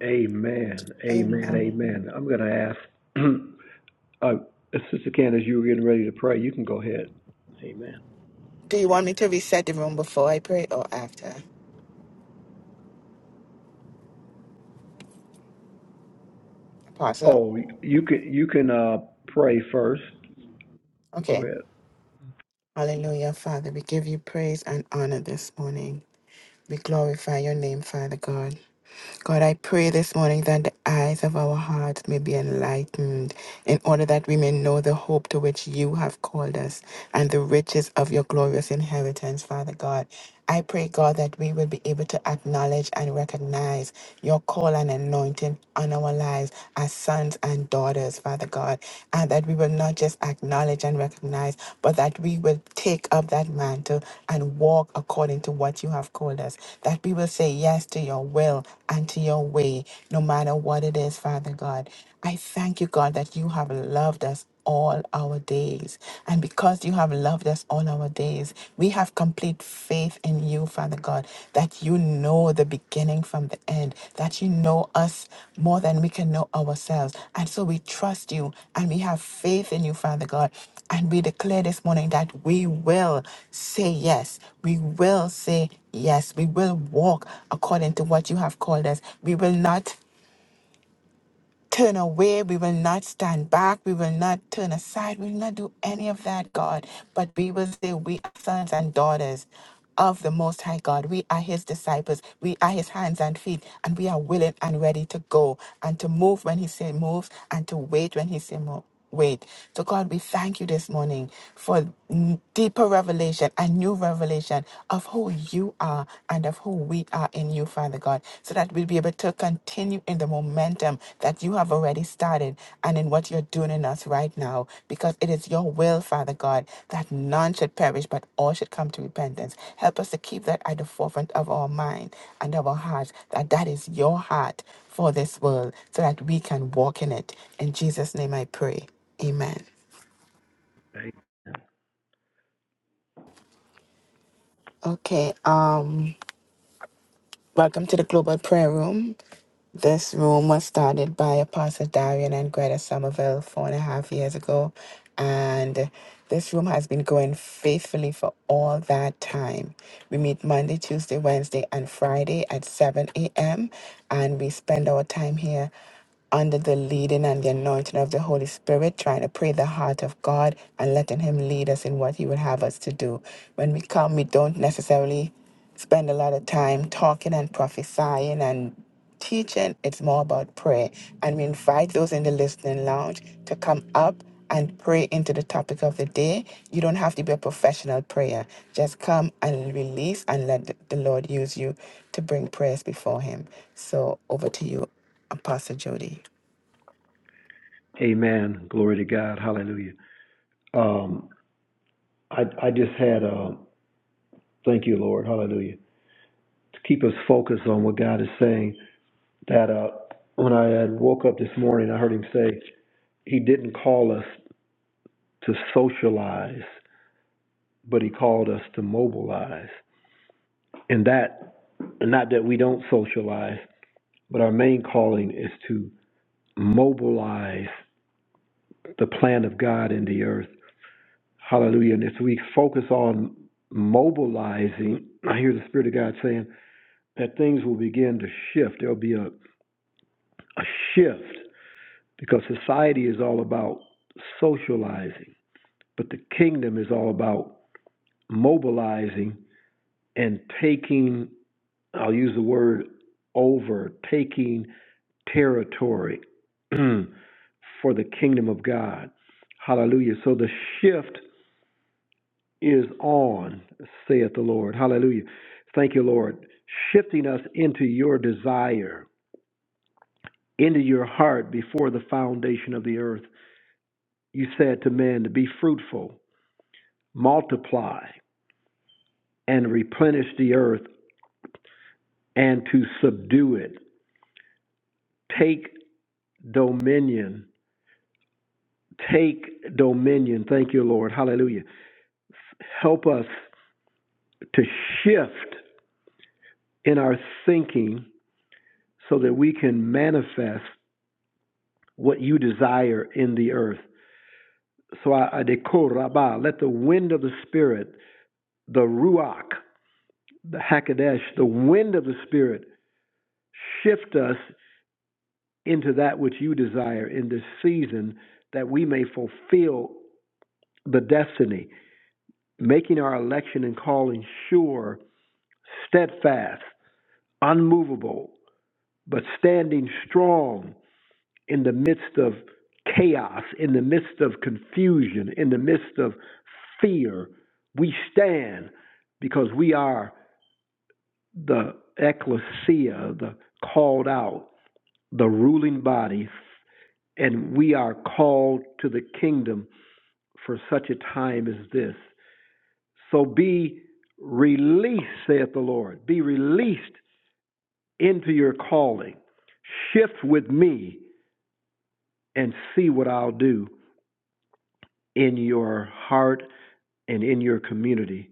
Speaker 4: Amen. Amen.
Speaker 1: Amen.
Speaker 4: Amen. I'm going to ask uh, Sister Candace, you were getting ready to pray. You can go ahead. Amen.
Speaker 1: Do you want me to reset the room before I pray or after? Apostle?
Speaker 4: Oh, you can you can uh, pray first. Go
Speaker 1: Okay.
Speaker 4: ahead.
Speaker 1: Hallelujah, Father. We give you praise and honor this morning. We glorify your name, Father God. God, I pray this morning that the eyes of our hearts may be enlightened in order that we may know the hope to which you have called us and the riches of your glorious inheritance, Father God. I pray, God, that we will be able to acknowledge and recognize your call and anointing on our lives as sons and daughters, Father God, and that that we will not just acknowledge and recognize, but that we will take up that mantle and walk according to what you have called us. That we will say yes to your will and to your way, no matter what it is, Father God. I thank you, God, that you have loved us all our days. And because you have loved us all our days, we have complete faith in you, Father God, that you know the beginning from the end, that you know us more than we can know ourselves. And so we trust you and we have faith in you, Father God. And we declare this morning that we will say yes. We will say yes. We will walk according to what you have called us. We will not turn away. We will not stand back. We will not turn aside. We will not do any of that, God. But we will say, We are sons and daughters of the Most High God. We are His disciples. We are His hands and feet. And we are willing and ready to go and to move when He says move and to wait when He says move. Wait, so God, we thank you this morning for n- deeper revelation and new revelation of who you are and of who we are in you, Father God, so that we'll be able to continue in the momentum that you have already started and in what you're doing in us right now, because it is your will, Father God, that none should perish, but all should come to repentance. Help us to keep that at the forefront of our mind and of our hearts, that that is your heart for this world so that we can walk in it. In Jesus' name I pray. Amen. Okay, um, welcome to the Global Prayer Room. This room was started by Apostle Darian and Greta Somerville four and a half years ago. And this room has been going faithfully for all that time. We meet Monday, Tuesday, Wednesday, and Friday at 7 a.m. And we spend our time here under the leading and the anointing of the Holy Spirit, trying to pray the heart of God and letting Him lead us in what He would have us to do. When we come, we don't necessarily spend a lot of time talking and prophesying and teaching. It's more about prayer. And we invite those in the listening lounge to come up and pray into the topic of the day. You don't have to be a professional prayer. Just come and release and let the the Lord use you to bring prayers before Him. So over to you, Apostle Jody.
Speaker 4: Amen. Glory to God. Hallelujah. Um, I, I just had, a uh, thank you, Lord. Hallelujah. To keep us focused on what God is saying, that uh, when I had woke up this morning, I heard him say, He didn't call us to socialize, but He called us to mobilize. And that, not that we don't socialize, but our main calling is to mobilize the plan of God in the earth hallelujah. And as we focus on mobilizing, I hear the Spirit of God saying that things will begin to shift. There'll be a, a shift because society is all about socializing, but the kingdom is all about mobilizing and taking, I'll use the word over, taking territory for the kingdom of God. Hallelujah. So the shift is on, saith the Lord. Hallelujah. Thank you, Lord. Shifting us into your desire, into your heart before the foundation of the earth. You said to men to be fruitful, multiply, and replenish the earth and to subdue it. Take dominion. Take dominion. Thank you, Lord. Hallelujah. Help us to shift in our thinking so that we can manifest. what you desire in the earth. So I, I decor Rabbah, let the wind of the Spirit, the Ruach, the hakadosh, the wind of the Spirit shift us into that which you desire in this season that we may fulfill the destiny, making our election and calling sure, steadfast, unmovable, but standing strong in the midst of chaos, in the midst of confusion, in the midst of fear, we stand because we are the ecclesia, the called out, the ruling body, and we are called to the kingdom for such a time as this. So be released, saith the Lord. Be released into your calling. Shift with me and see what I'll do in your heart and in your community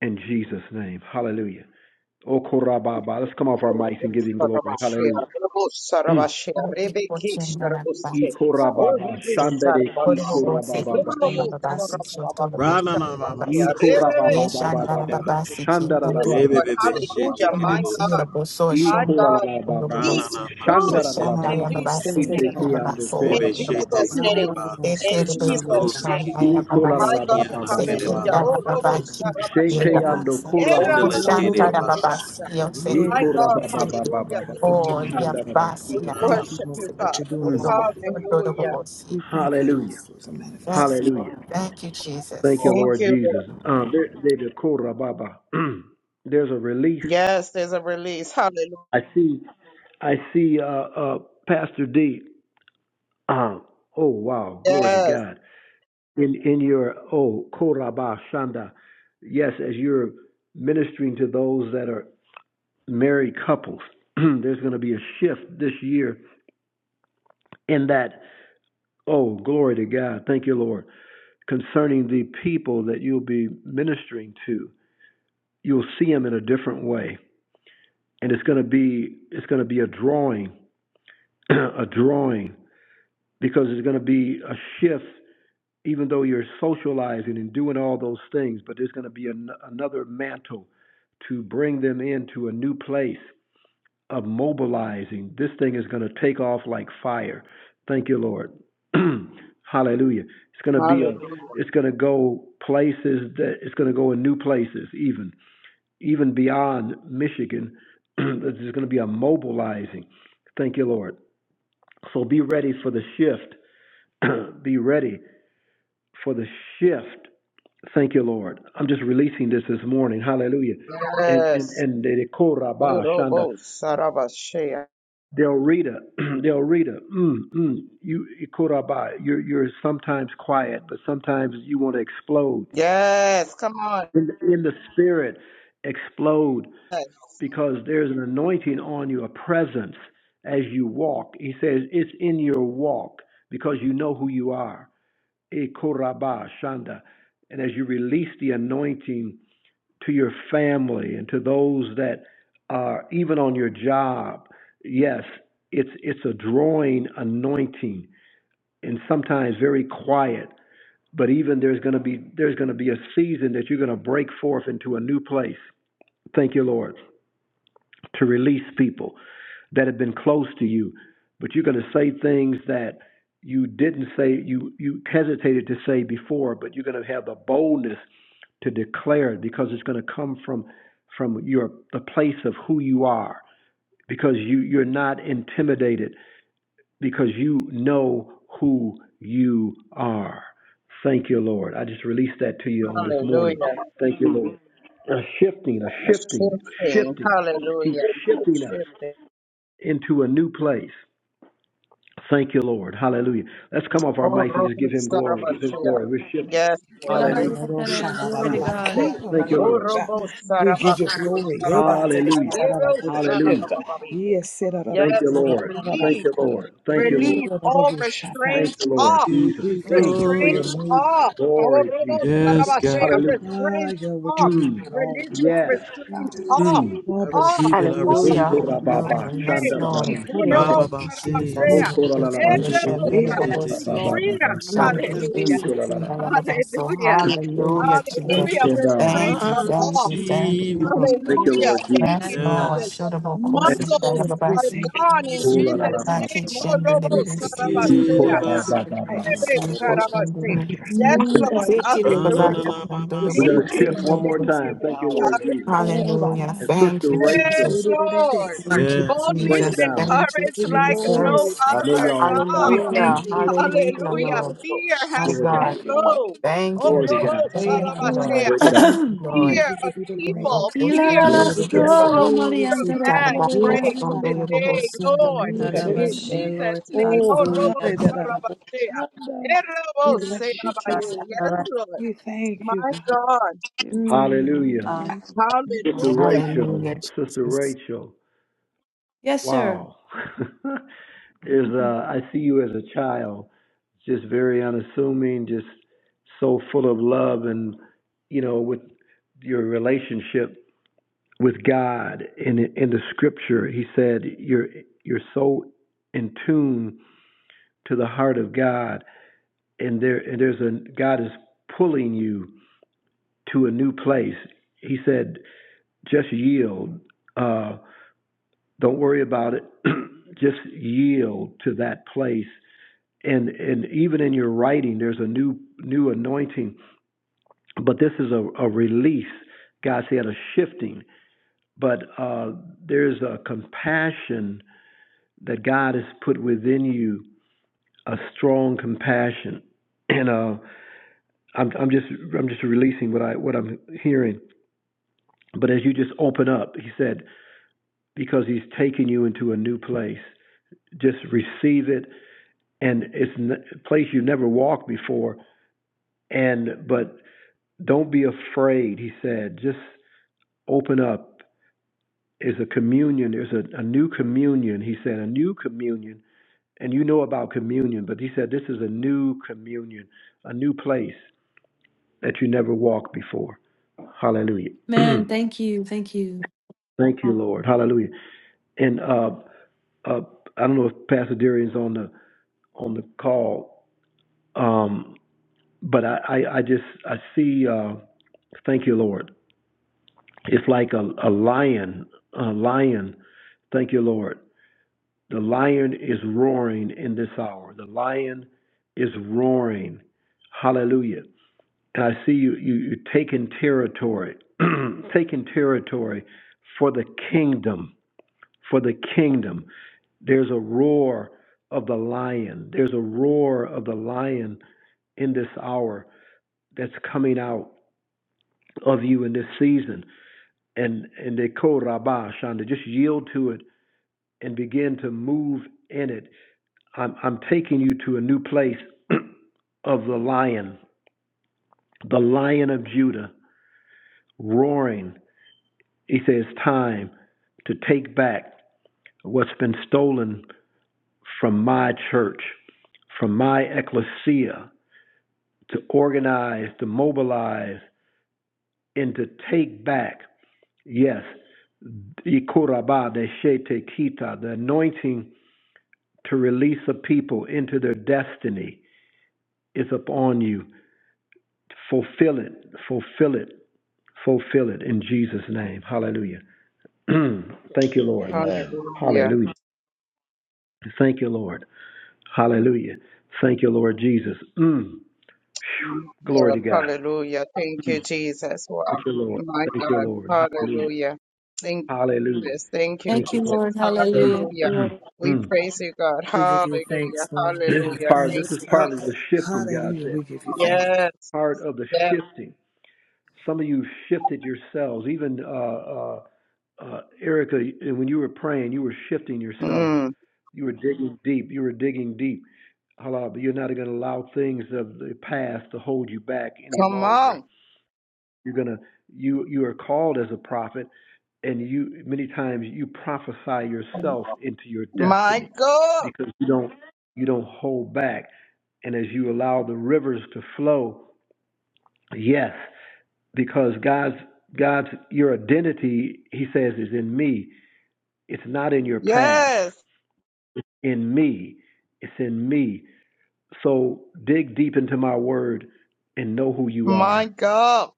Speaker 4: in Jesus' name. Hallelujah. O Korababa. Let's come off our mics and give him glory. Hallelujah. E Korababa.
Speaker 1: Se
Speaker 4: Shandere Ki
Speaker 1: Oro Bobo se
Speaker 7: Thank you,
Speaker 4: Korababa.
Speaker 1: Kingdom of
Speaker 7: Jesus.
Speaker 1: Babasi Shoto the Bobo
Speaker 8: Ranana
Speaker 4: E
Speaker 8: mama,
Speaker 1: Babasi.
Speaker 8: see, TK.
Speaker 1: Yes,
Speaker 8: Shit, TK.
Speaker 1: Shandana
Speaker 4: Korababa.
Speaker 8: deba.
Speaker 1: Babasi Kingdom de Bobo.
Speaker 8: Rebe,
Speaker 4: Shandarababa.
Speaker 8: bebe, shit,
Speaker 5: Hallelujah,
Speaker 1: the
Speaker 8: TK.
Speaker 5: my
Speaker 1: man
Speaker 8: debo,
Speaker 1: see
Speaker 5: God.
Speaker 1: the
Speaker 8: so.
Speaker 1: Boso
Speaker 4: E
Speaker 5: My
Speaker 1: Shom
Speaker 5: God,
Speaker 1: Oro Bobo
Speaker 4: Korababa.
Speaker 1: se.
Speaker 5: peace,
Speaker 8: Ranana mama, see,
Speaker 5: loose
Speaker 2: Thank
Speaker 5: in
Speaker 2: you,
Speaker 4: Shandarababa.
Speaker 8: TK.
Speaker 1: Shandana
Speaker 2: Lord God.
Speaker 5: Jesus'
Speaker 1: Babasi
Speaker 4: Shite
Speaker 5: name.
Speaker 4: Kiando
Speaker 1: Yababato
Speaker 5: In
Speaker 1: and
Speaker 8: Rebe,
Speaker 1: Oro
Speaker 8: shit,
Speaker 1: Bobo
Speaker 5: Jesus'
Speaker 4: Korababa.
Speaker 1: se.
Speaker 8: TK.
Speaker 5: name.
Speaker 8: deba.
Speaker 1: Se
Speaker 5: In
Speaker 1: te
Speaker 8: Sado,
Speaker 5: Jesus' name.
Speaker 8: siki.
Speaker 4: E
Speaker 2: Thank
Speaker 5: My
Speaker 2: you, Lord
Speaker 5: God,
Speaker 2: God,
Speaker 8: Iana,
Speaker 2: for your word.
Speaker 8: kedeba.
Speaker 5: hallelujah.
Speaker 4: Korababa.
Speaker 2: I'm
Speaker 5: Oh, Robo
Speaker 2: thankful, God.
Speaker 4: Shete
Speaker 5: Sarabashea.
Speaker 2: Ah,
Speaker 4: Yando
Speaker 2: Sabbath.
Speaker 4: Korababa.
Speaker 8: Shindele,
Speaker 4: Baba.
Speaker 8: kedeba.
Speaker 2: Ra-ra-ra-ra-ra-ra-sha.
Speaker 1: the
Speaker 5: Yerabasea.
Speaker 8: Saka.
Speaker 1: Yes,
Speaker 4: Ni
Speaker 2: Yeah,
Speaker 5: My
Speaker 2: God,
Speaker 5: God,
Speaker 2: we
Speaker 1: see
Speaker 2: thank you, Lord
Speaker 5: hallelujah.
Speaker 4: Korababa.
Speaker 2: God, for
Speaker 5: Thank
Speaker 2: your
Speaker 5: you,
Speaker 1: Oh, yeah,
Speaker 5: Father.
Speaker 2: momentum.
Speaker 1: bossy,
Speaker 5: We
Speaker 2: We
Speaker 1: I
Speaker 4: Shandarababa.
Speaker 1: got
Speaker 2: thank
Speaker 8: Ranana,
Speaker 2: you,
Speaker 5: worship
Speaker 2: Lord,
Speaker 5: you,
Speaker 2: for what you're
Speaker 5: Father.
Speaker 2: doing in
Speaker 8: see.
Speaker 2: our life.
Speaker 5: Hallelujah.
Speaker 1: bossy.
Speaker 2: We thank you, Lord,
Speaker 4: Hallelujah.
Speaker 2: for the manifesting.
Speaker 1: Yes, Lord.
Speaker 4: Hallelujah.
Speaker 1: Thank you,
Speaker 4: Thank
Speaker 1: Jesus.
Speaker 4: you,
Speaker 5: Thank
Speaker 4: Lord
Speaker 5: you,
Speaker 4: Jesus.
Speaker 5: Lord.
Speaker 4: Um, there, there, the Kora Baba. There's a release.
Speaker 5: Yes, there's a release. Hallelujah.
Speaker 4: I see. I see. Uh, uh, Pastor D. Um, oh wow, glory to
Speaker 5: Yes.
Speaker 4: God. In in your oh Koraba Shanda. Yes, as you're ministering to those that are married couples, there's going to be a shift this year in that. Oh, glory to God. Thank you, Lord. Concerning the people that you'll be ministering to you'll see him in a different way, and it's going to be it's going to be a drawing, a drawing because it's going to be a shift. Even though you're socializing and doing all those things, but there's going to be an, another mantle to bring them into a new place of mobilizing. This thing is going to take off like fire. Thank you, Lord. Hallelujah. It's going to be a,
Speaker 5: Hallelujah.
Speaker 4: it's going to go places that it's going to go in new places even. even beyond Michigan, that there's going to be a mobilizing. Thank you, Lord. So be ready for the shift. be ready for the shift. Thank you, Lord. I'm just releasing this this morning. Hallelujah. And and
Speaker 5: Yes.
Speaker 4: and the
Speaker 5: Oh,
Speaker 4: koraba shanda
Speaker 5: Robo Sarabashea.
Speaker 4: del rita del rita mm, mm, you koraba you're you're sometimes quiet but sometimes you want to explode
Speaker 5: Yes, come on.
Speaker 4: in, in the spirit explode
Speaker 5: Yes.
Speaker 4: because there's an anointing on you, a presence as you walk. He says it's in your walk because you know who you are. E koraba shanda. And as you release the anointing to your family and to those that are even on your job, yes, it's it's a drawing anointing and sometimes very quiet. But even there's going to be there's going to be a season that you're going to break forth into a new place. Thank you, Lord, to release people that have been close to you, but you're going to say things that you didn't say, you, you hesitated to say before, but you're going to have the boldness to declare it because it's going to come from, from your, the place of who you are, because you, you're not intimidated, because you know who you are. Thank you, Lord. I just released that to you on this
Speaker 5: Hallelujah.
Speaker 4: morning. Thank you, Lord. A shifting, a
Speaker 5: A
Speaker 4: shifting, a
Speaker 5: shifting.
Speaker 4: shifting. He's
Speaker 5: Hallelujah. A
Speaker 4: shifting us
Speaker 5: shifting.
Speaker 4: into a new place. Thank you, Lord. Hallelujah. Let's come off our
Speaker 5: Oh,
Speaker 4: mics and just give
Speaker 5: Robert
Speaker 4: him glory. Give him
Speaker 5: Sarabashia.
Speaker 4: glory. We're shifting.
Speaker 5: Yes,
Speaker 6: Well,
Speaker 5: Lord.
Speaker 6: I'm
Speaker 2: ha ra
Speaker 6: about
Speaker 4: Hallelujah.
Speaker 2: ra
Speaker 6: to
Speaker 2: ra ra
Speaker 6: tell
Speaker 5: Rebbe
Speaker 6: you,
Speaker 2: ra
Speaker 6: glory
Speaker 2: ra ra
Speaker 6: to
Speaker 4: Mm.
Speaker 5: Sarabashia.
Speaker 6: God.
Speaker 2: ra
Speaker 4: Thank
Speaker 7: Hallelujah,
Speaker 2: ra
Speaker 4: you,
Speaker 5: Oh,
Speaker 4: Lord.
Speaker 2: ra
Speaker 5: Robo
Speaker 2: We give you
Speaker 5: Sarabashia.
Speaker 2: glory. Yeah, ba, ta,
Speaker 5: Sarabashia.
Speaker 2: sa,
Speaker 4: Hallelujah.
Speaker 5: Rebe
Speaker 2: ra-ra-ra, For the
Speaker 4: Hallelujah.
Speaker 2: shift.
Speaker 5: Sarabashia.
Speaker 2: Yes, se-ra-ra-bo,
Speaker 4: Thank you,
Speaker 5: Yes, we
Speaker 4: Lord.
Speaker 2: ra-ra-ra-ra-ra,
Speaker 4: Thank
Speaker 5: release,
Speaker 4: you, Lord. Thank you,
Speaker 7: Lord.
Speaker 4: Lord.
Speaker 5: release all
Speaker 2: ka-ra-ra-ra-ra-bo,
Speaker 4: Thank
Speaker 5: restraints
Speaker 4: you, Lord.
Speaker 5: off.
Speaker 8: Give
Speaker 4: Jesus.
Speaker 2: We
Speaker 8: you
Speaker 2: thank
Speaker 4: Mm.
Speaker 2: you for
Speaker 7: Thank
Speaker 2: your
Speaker 8: glory.
Speaker 5: Restraints
Speaker 2: move.
Speaker 5: off. Oh,
Speaker 4: Glory,
Speaker 5: Robo
Speaker 4: Jesus.
Speaker 8: Yes, God.
Speaker 4: Hallelujah.
Speaker 2: Ah,
Speaker 5: Restraints
Speaker 2: yeah, what you're
Speaker 5: off.
Speaker 2: doing
Speaker 4: Mm.
Speaker 2: in all of our
Speaker 5: Religious
Speaker 2: lives.
Speaker 7: you
Speaker 4: Yes.
Speaker 5: restraints
Speaker 2: God.
Speaker 5: off.
Speaker 4: Mm.
Speaker 8: I
Speaker 2: Bubbles.
Speaker 5: Off.
Speaker 8: receive it. I
Speaker 5: Off.
Speaker 4: Oh,
Speaker 8: receive
Speaker 1: Hallelujah.
Speaker 8: it.
Speaker 5: In
Speaker 4: korababa,
Speaker 5: Jesus'
Speaker 1: Hallelujah. Yes,
Speaker 5: name.
Speaker 2: He
Speaker 1: Lord.
Speaker 4: shandarababa,
Speaker 5: Oh,
Speaker 2: quoted
Speaker 4: shite.
Speaker 5: Robo
Speaker 2: it
Speaker 1: Thank you,
Speaker 8: Rababa,
Speaker 1: Jesus.
Speaker 4: Oh,
Speaker 5: Sarabashea.
Speaker 2: most
Speaker 1: Yes,
Speaker 5: Eh,
Speaker 1: Lord. Yes,
Speaker 4: koralalalababa,
Speaker 1: Lord.
Speaker 5: Robo
Speaker 1: Yes,
Speaker 2: Made
Speaker 5: Sar- Receive
Speaker 1: Lord.
Speaker 4: babababa,
Speaker 1: Yes,
Speaker 5: freedom.
Speaker 1: Lord.
Speaker 2: Lord
Speaker 1: Thank
Speaker 7: for the
Speaker 4: shandarababa,
Speaker 2: I'm
Speaker 1: you,
Speaker 5: Hallelujah.
Speaker 2: servant
Speaker 7: release.
Speaker 2: to
Speaker 4: shito,
Speaker 2: God,
Speaker 4: lalalaba.
Speaker 2: and
Speaker 1: Jesus.
Speaker 5: Hallelujah.
Speaker 1: Hallelujah,
Speaker 2: servants, thank you. servants follow you.
Speaker 1: Jesus.
Speaker 5: Hallelujah.
Speaker 2: on
Speaker 4: And
Speaker 2: Monday.
Speaker 4: um,
Speaker 5: Restraints
Speaker 1: Thank you,
Speaker 5: are
Speaker 8: I
Speaker 2: Hallelujah,
Speaker 1: thank
Speaker 5: off.
Speaker 1: you,
Speaker 2: Jesus.
Speaker 1: thank
Speaker 8: receive it.
Speaker 2: We
Speaker 1: you.
Speaker 4: thank you,
Speaker 2: Lord,
Speaker 5: Hallelujah.
Speaker 4: Lord
Speaker 5: Thank
Speaker 4: Jesus.
Speaker 7: Yes,
Speaker 1: Yes,
Speaker 5: you,
Speaker 1: Lord.
Speaker 5: Jesus.
Speaker 7: God.
Speaker 8: Yes.
Speaker 1: Shodabo Kosin
Speaker 2: yes,
Speaker 5: Muscles
Speaker 2: Lord, we
Speaker 5: are
Speaker 2: thank
Speaker 1: Dayababasi.
Speaker 2: you.
Speaker 5: gone in
Speaker 2: Lord.
Speaker 4: Oh, la, la,
Speaker 1: Sita
Speaker 4: la,
Speaker 5: Jesus'
Speaker 4: ba,
Speaker 1: Baki
Speaker 4: ba,
Speaker 5: name.
Speaker 4: ba.
Speaker 5: Oh,
Speaker 1: Shendu
Speaker 5: Robo
Speaker 2: We seek you.
Speaker 1: Debisi.
Speaker 4: Mm,
Speaker 2: Lord.
Speaker 4: oh, la,
Speaker 2: We
Speaker 4: la,
Speaker 2: seek
Speaker 4: ba,
Speaker 2: your
Speaker 4: ba, ba, ba.
Speaker 2: guidance. Hallelujah.
Speaker 5: Yes,
Speaker 2: Move on
Speaker 5: Lord.
Speaker 2: our lives
Speaker 1: Siti Babako
Speaker 5: Hallelujah.
Speaker 1: Mondo
Speaker 2: with
Speaker 4: We're going
Speaker 5: Thank
Speaker 2: your
Speaker 4: to
Speaker 5: you,
Speaker 2: great
Speaker 4: shift
Speaker 5: Lord.
Speaker 4: one
Speaker 2: moment,
Speaker 4: more
Speaker 5: Thank
Speaker 1: Debisi.
Speaker 5: you,
Speaker 4: time. Thank
Speaker 5: Lord.
Speaker 4: you,
Speaker 2: power,
Speaker 4: Lord Jesus.
Speaker 5: Hallelujah.
Speaker 2: all by
Speaker 1: Hallelujah.
Speaker 4: And
Speaker 2: nine.
Speaker 1: Thank
Speaker 4: Sister
Speaker 1: you,
Speaker 2: We can
Speaker 5: Yes,
Speaker 4: Rachel,
Speaker 1: Jesus.
Speaker 2: do it in a day.
Speaker 5: Lord.
Speaker 1: Thank
Speaker 8: Yeah.
Speaker 1: you,
Speaker 2: We give
Speaker 4: bring
Speaker 5: Boldness
Speaker 4: it
Speaker 2: you
Speaker 1: Jesus.
Speaker 5: and
Speaker 4: down.
Speaker 2: thanks.
Speaker 1: Thank you,
Speaker 2: We
Speaker 5: courage
Speaker 2: give you
Speaker 5: like
Speaker 2: glory.
Speaker 5: no
Speaker 2: We
Speaker 1: Jesus.
Speaker 4: I
Speaker 2: thank
Speaker 4: know
Speaker 2: you.
Speaker 5: other
Speaker 4: y'all on
Speaker 5: God.
Speaker 2: We
Speaker 4: fire.
Speaker 1: Hallelujah.
Speaker 2: thank you. We thank you.
Speaker 1: Hallelujah,
Speaker 2: We give
Speaker 5: Hallelujah.
Speaker 2: you
Speaker 1: Lord.
Speaker 2: the glory.
Speaker 5: Fear
Speaker 1: My
Speaker 5: has
Speaker 4: Glory
Speaker 5: to
Speaker 4: to,
Speaker 2: Have
Speaker 1: God.
Speaker 2: your way.
Speaker 5: go.
Speaker 1: Thank
Speaker 5: Oh,
Speaker 1: you,
Speaker 4: glory to
Speaker 2: Have
Speaker 5: Robo
Speaker 1: Lord.
Speaker 4: God.
Speaker 2: way in
Speaker 1: Thank
Speaker 2: our
Speaker 1: you,
Speaker 6: Ooh la
Speaker 2: lives.
Speaker 6: la.
Speaker 5: Sarabashea.
Speaker 1: Lord.
Speaker 4: Break it up.
Speaker 1: Thank you,
Speaker 2: We
Speaker 4: Mm,
Speaker 1: Lord.
Speaker 5: Fear
Speaker 2: ever
Speaker 5: of
Speaker 2: give you the
Speaker 1: Thank you, Lord.
Speaker 2: praise.
Speaker 5: people.
Speaker 6: Ila
Speaker 5: Fear
Speaker 6: la
Speaker 1: Thank
Speaker 4: yes,
Speaker 2: We
Speaker 6: la
Speaker 2: ever
Speaker 1: you,
Speaker 2: give
Speaker 4: yes.
Speaker 2: you the
Speaker 1: Lord.
Speaker 5: go
Speaker 6: solo
Speaker 2: glory.
Speaker 6: Mariante
Speaker 5: your
Speaker 6: de
Speaker 1: Sita na
Speaker 5: man
Speaker 6: quiere
Speaker 1: bako,
Speaker 2: Yeah, ba,
Speaker 5: breaks
Speaker 2: ba,
Speaker 1: frondo
Speaker 2: ba, ba, ba,
Speaker 1: yobo,
Speaker 5: today,
Speaker 2: ba,
Speaker 1: sita
Speaker 2: ba.
Speaker 1: na
Speaker 5: Lord.
Speaker 2: Look at
Speaker 1: yobo,
Speaker 2: it.
Speaker 5: In
Speaker 2: eh?
Speaker 1: sita.
Speaker 7: Dadabashe, Lord.
Speaker 5: Jesus' name,
Speaker 2: Oh,
Speaker 5: oh,
Speaker 7: Hallelujah.
Speaker 5: Robo
Speaker 2: hallelujah.
Speaker 5: Sarabashea. Eh,
Speaker 2: We
Speaker 5: Robo
Speaker 2: bless you, Jesus.
Speaker 5: Serabaye. Yes, Lord.
Speaker 2: We thank you,
Speaker 5: My
Speaker 2: God.
Speaker 5: God.
Speaker 2: Mm.
Speaker 4: Hallelujah.
Speaker 7: Dadabashe.
Speaker 4: Sister
Speaker 5: Hallelujah.
Speaker 1: Hallelujah,
Speaker 4: Rachel, Sister
Speaker 1: Jesus.
Speaker 4: Rachel.
Speaker 6: Yes, sir.
Speaker 4: Wow. Is uh, I see you as a child, just very unassuming, just so full of love and, you know, with your relationship with God in in the scripture he said you're you're so in tune to the heart of God and there and there's a God is pulling you to a new place he said just yield uh don't worry about it just yield to that place and and even in your writing there's a new new anointing but this is a, a release God said a shifting but uh there's a compassion that God has put within you a strong compassion. And uh, I'm, I'm just I'm just releasing what I what I'm hearing. But as you just open up, he said, because he's taking you into a new place, just receive it, and it's a place you never walked before. And but don't be afraid, he said. Just open up. Is a communion. There's a, a new communion. He said a new communion and you know about communion, but he said this is a new communion, a new place that you never walked before. Hallelujah.
Speaker 6: Man,
Speaker 4: Thank
Speaker 6: thank you, thank you,
Speaker 4: you, Lord. Hallelujah. And uh, uh, I don't know if Pastor Darian's on the on the call, um, but I, I, I just I see. Uh, thank you, Lord. It's like a, a lion, a lion. Thank you, Lord. The lion is roaring in this hour. The lion is roaring. Hallelujah. I see you, you, you taking territory, taking territory for the kingdom, for the kingdom. There's a roar of the lion. There's a roar of the lion in this hour that's coming out of you in this season. And and they call Rabah Shanda. Just yield to it and begin to move in it. I'm I'm taking you to a new place of the lion, the lion of Judah roaring. He says, it's time to take back what's been stolen from my church, from my ecclesia, to organize, to mobilize, and to take back. Yes, Ikoraba, the the anointing to release a people into their destiny is upon you. Fulfill it, fulfill it, fulfill it in Jesus' name. Hallelujah. Thank you, Lord.
Speaker 3: Amen.
Speaker 5: Hallelujah.
Speaker 4: Hallelujah. Thank you, Lord. Hallelujah. Thank you, Lord Jesus. Mm. Phew. Glory
Speaker 5: Uh,
Speaker 4: to God.
Speaker 5: Hallelujah. Thank
Speaker 4: Mm.
Speaker 5: you, Jesus. Wow.
Speaker 4: Thank you, Lord.
Speaker 5: My
Speaker 4: Thank you,
Speaker 5: God.
Speaker 4: Lord. Hallelujah.
Speaker 5: Hallelujah. Thank you,
Speaker 4: Hallelujah.
Speaker 5: Jesus. Thank you,
Speaker 4: Thank
Speaker 6: thank
Speaker 4: you.
Speaker 6: you, Lord.
Speaker 5: Jesus.
Speaker 4: Lord.
Speaker 6: Hallelujah.
Speaker 5: Hallelujah.
Speaker 4: Mm.
Speaker 6: Lord.
Speaker 5: We
Speaker 4: Mm.
Speaker 5: praise you, God.
Speaker 2: We give you
Speaker 5: Hallelujah.
Speaker 2: thanks, Lord. We
Speaker 4: this
Speaker 2: give
Speaker 4: is
Speaker 2: you
Speaker 5: Hallelujah.
Speaker 4: part. This
Speaker 5: Thank
Speaker 2: thanks.
Speaker 4: is
Speaker 5: you,
Speaker 2: Ah,
Speaker 4: part of the
Speaker 5: Jesus.
Speaker 4: shifting. God
Speaker 2: Hallelujah.
Speaker 4: said,
Speaker 2: We give you thanks.
Speaker 5: Yes.
Speaker 4: part of the
Speaker 5: Yes.
Speaker 4: shifting. Some of you shifted yourselves. Even uh, uh, uh, Erica, when you were praying, you were shifting yourself.
Speaker 5: Mm.
Speaker 4: You were digging deep. You were digging deep. Halal, but you're not going to allow things of the past to hold you back any
Speaker 5: Come
Speaker 4: longer
Speaker 5: on.
Speaker 4: You're gonna you you are called as a prophet, and you many times you prophesy yourself into your
Speaker 5: My
Speaker 4: destiny
Speaker 5: God.
Speaker 4: because you don't you don't hold back. And as you allow the rivers to flow, yes, because God's God's your identity, He says, is in me. It's not in your past.
Speaker 5: Yes.
Speaker 4: In me. It's in me. So dig deep into my word and know who you are
Speaker 5: My God.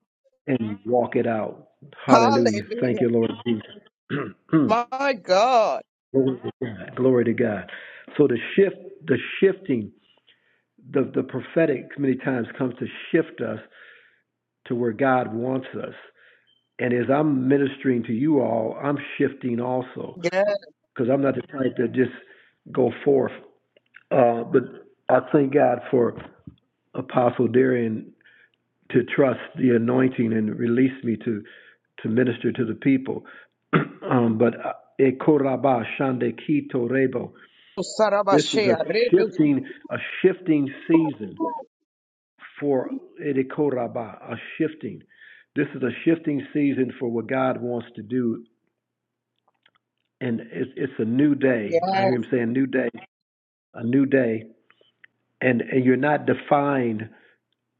Speaker 4: and walk it out. Hallelujah. Thank you,
Speaker 5: Hallelujah.
Speaker 4: Lord Jesus.
Speaker 5: My God.
Speaker 4: Glory to God. Glory to God. So the shift, the shifting, the, the prophetic many times comes to shift us to where God wants us. And as I'm ministering to you all, I'm shifting also
Speaker 5: Yes.
Speaker 4: because I'm not the type to just go forth. Uh, but I thank God for Apostle Darian to trust the anointing and release me to to minister to the people. um, but uh, Ekoraba Shande Kito This is a
Speaker 5: Sarabashea. Rebu-
Speaker 4: shifting a shifting season for Ekoraba, a shifting. This is a shifting season for what God wants to do, and it's, it's a new day. I
Speaker 5: Yes.
Speaker 4: hear Him saying, "New day, a new day," and and you're not defined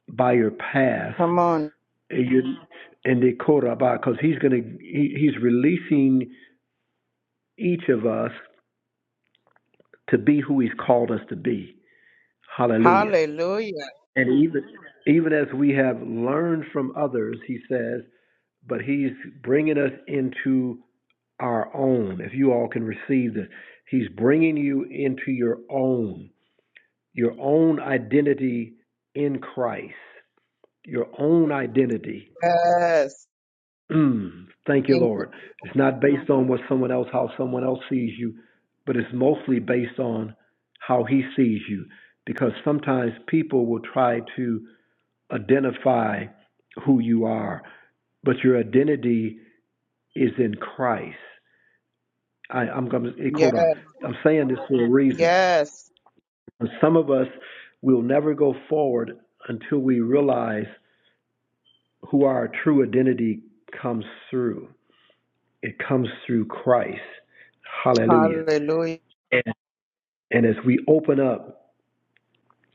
Speaker 4: by your past
Speaker 5: Come on.
Speaker 4: And you- and they quote because he's going to he, he's releasing each of us to be who he's called us to be. Hallelujah.
Speaker 5: Hallelujah.
Speaker 4: And even even as we have learned from others, he says, but he's bringing us into our own. If you all can receive this, he's bringing you into your own, your own identity in Christ, your own identity.
Speaker 5: Yes.
Speaker 4: Mm, thank you,
Speaker 5: Thank you.
Speaker 4: Lord. It's not based on what someone else, how someone else sees you, but it's mostly based on how he sees you. Because sometimes people will try to identify who you are, but your identity is in Christ. I, I'm going to,
Speaker 5: Yes.
Speaker 4: I'm saying this for a reason.
Speaker 5: Yes.
Speaker 4: Some of us will never go forward until we realize who our true identity comes through. It comes through Christ. Hallelujah.
Speaker 5: Hallelujah.
Speaker 4: And as we open up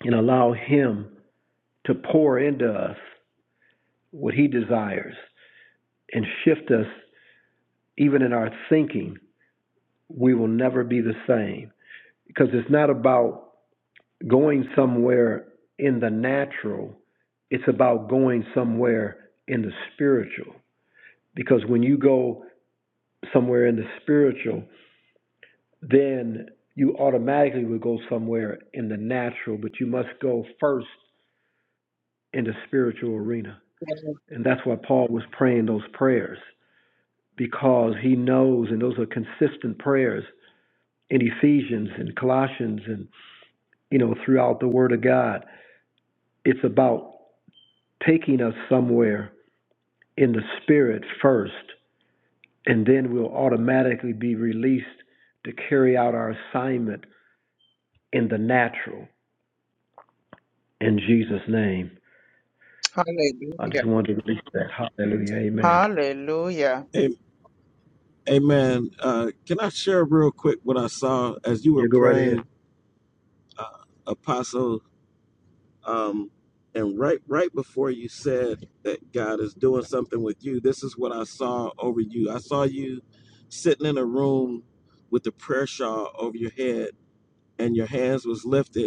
Speaker 4: and allow Him to pour into us what He desires and shift us, even in our thinking, we will never be the same. Because it's not about going somewhere in the natural, it's about going somewhere in the spiritual. Because when you go somewhere in the spiritual, then you automatically would go somewhere in the natural, but you must go first in the spiritual arena. And that's why Paul was praying those prayers because he knows, and those are consistent prayers in Ephesians and Colossians and, you know, throughout the Word of God. It's about taking us somewhere in the spirit first, and then we'll automatically be released to carry out our assignment in the natural in Jesus' name. I
Speaker 5: Hallelujah.
Speaker 4: just wanted to release that. Hallelujah. Amen.
Speaker 5: Hallelujah.
Speaker 8: Amen. Uh, can I share real quick what I saw as you were
Speaker 4: Yeah, go right ahead.
Speaker 8: praying, uh, Apostle? Um, and right, right before you said that God is doing something with you, this is what I saw over you. I saw you sitting in a room with the prayer shawl over your head, and your hands was lifted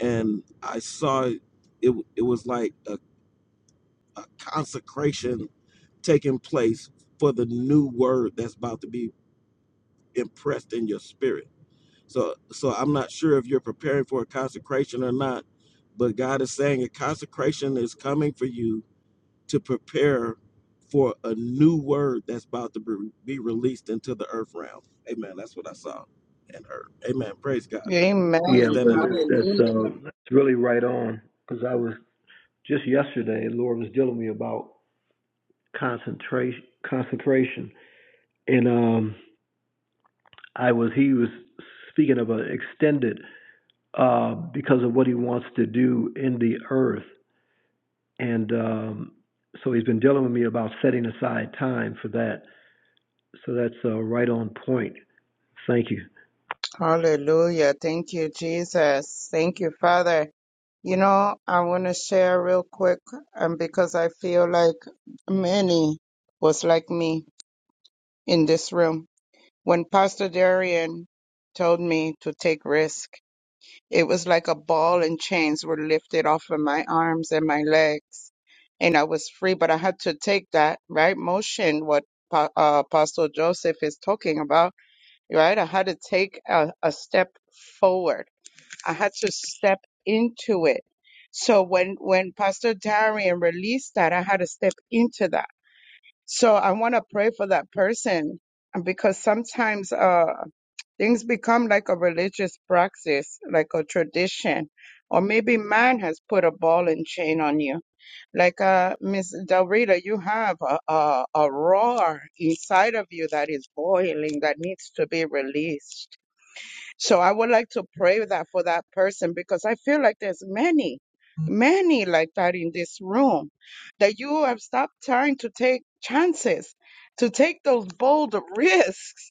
Speaker 8: and I saw it. It, it was like a, a consecration taking place for the new word that's about to be impressed in your spirit. So, so I'm not sure if you're preparing for a consecration or not, but God is saying a consecration is coming for you to prepare for a new word that's about to be be released into the earth realm. Amen. That's what I saw and heard. Amen. Praise God.
Speaker 5: Amen.
Speaker 8: And I
Speaker 4: Yeah,
Speaker 8: stand
Speaker 4: well,
Speaker 8: in
Speaker 4: that's,
Speaker 8: agreement with.
Speaker 4: that's,
Speaker 5: Hallelujah.
Speaker 4: uh, that's really right on. Because I was just yesterday, the Lord was dealing with me about concentration, consecration, and um, I was He was speaking of an extended uh, because of what He wants to do in the earth, and um, so He's been dealing with me about setting aside time for that. So that's uh, right on point. Thank you.
Speaker 5: Hallelujah. Thank you, Jesus. Thank you, Father. You know, I want to share real quick, um, because I feel like many was like me in this room. When Pastor Darian told me to take risk, it was like a ball and chains were lifted off of my arms and my legs, and I was free. But I had to take that right motion, what Pa- uh, Pastor Joseph is talking about, right? I had to take a, a step forward I had to step into it. So when when Pastor Darian released that, I had to step into that. So I want to pray for that person because sometimes uh things become like a religious practice, like a tradition, or maybe man has put a ball and chain on you. Like uh Miss Del Rita, you have a, a a roar inside of you that is boiling that needs to be released so I would like to pray that for that person because I feel like there's many, many like that in this room that you have stopped trying to take chances, to take those bold risks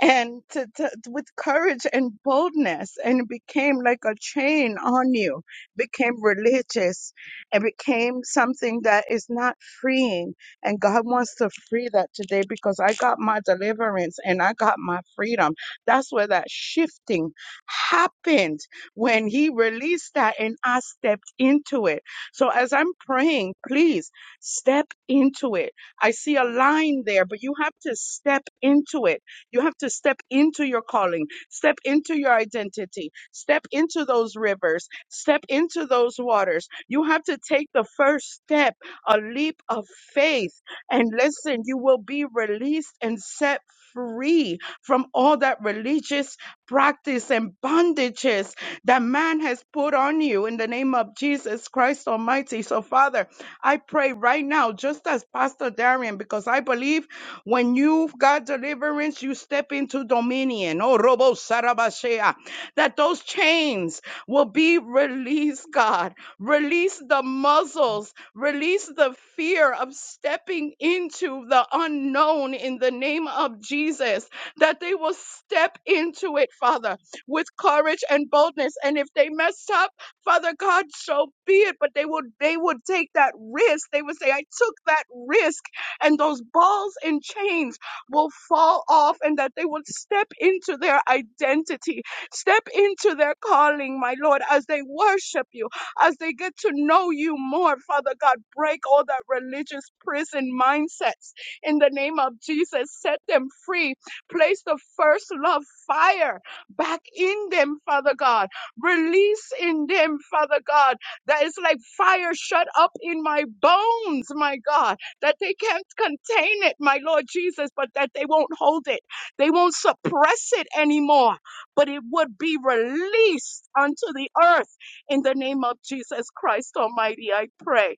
Speaker 5: and to, to, with courage and boldness and it became like a chain on you became religious and became something that is not freeing and god wants to free that today because i got my deliverance and i got my freedom that's where that shifting happened when he released that and i stepped into it so as i'm praying please step into it i see a line there but you have to step into it you have to step into your calling, step into your identity, step into those rivers, step into those waters. You have to take the first step, a leap of faith. And listen, you will be released and set free from all that religious practice and bondages that man has put on you in the name of Jesus Christ Almighty. So, Father, I pray right now, just as Pastor Darian, because I believe. When you've got deliverance, you step into dominion. Oh, Robo Sarabashea. That those chains will be released, God. Release the muzzles. Release the fear of stepping into the unknown in the name of Jesus. That they will step into it, Father, with courage and boldness. And if they mess up, Father God, so be it. But they would they would take that risk. They would say, I took that risk and those balls and chains will fall off and that they will step into their identity, step into their calling, my Lord, as they worship you, as they get to know you more, Father God. Break all that religious prison mindsets in the name of Jesus. Set them free. Place the first love fire back in them, Father God. Release in them, Father God, that is like fire shut up in my bones, my God that they can't contain it, my Lord Jesus, but that they won't hold it. They won't suppress it anymore, but it would be released unto the earth in the name of Jesus Christ Almighty. I pray.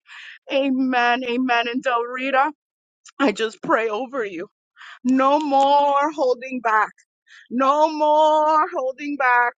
Speaker 5: Amen. Amen. And Del Rita, I just pray over you. No more holding back no more holding back.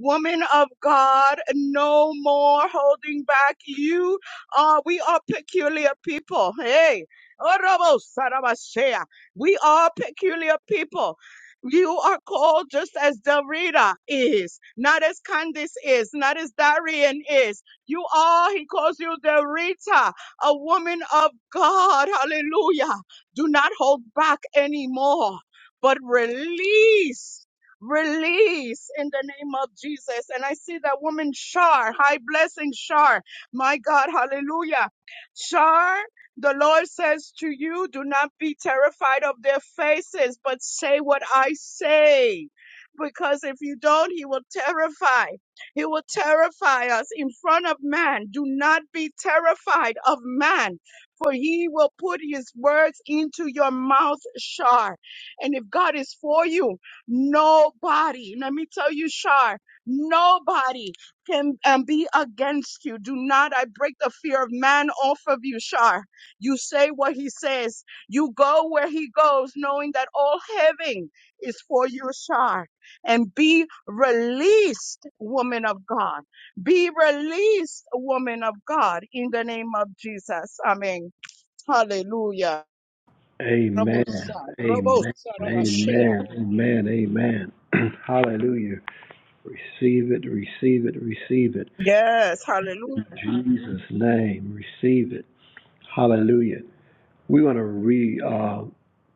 Speaker 5: Woman of God, no more holding back. You are, we are peculiar people. Hey. Orobo Sarabashea. We are peculiar people. You are called just as Dorita is, not as Candice is, not as Darian is. You are, he calls you Dorita, a woman of God. Hallelujah. Do not hold back anymore but release. Release in the name of Jesus. And I see that woman Shar, high blessing Shar. My God, hallelujah. Shar, the Lord says to you, do not be terrified of their faces, but say what I say. Because if you don't, he will terrify. He will terrify us in front of man. Do not be terrified of man, for he will put his words into your mouth, Shar. And if God is for you, nobody, let me tell you, Shar, nobody can um, be against you. Do not, I break the fear of man off of you, Shar. You say what he says, you go where he goes, knowing that all heaven is for you, Shar. And be released, woman of God. Be released, woman of God, in the name of Jesus. Amen. Hallelujah.
Speaker 4: Amen.
Speaker 5: Rabosa,
Speaker 4: Amen.
Speaker 5: Rabosa, Rabashea.
Speaker 4: Amen. Amen. Amen. Hallelujah. Receive it. Receive it. Receive it.
Speaker 5: Yes, hallelujah.
Speaker 4: In Jesus' name. Receive it. Hallelujah. We want to re uh,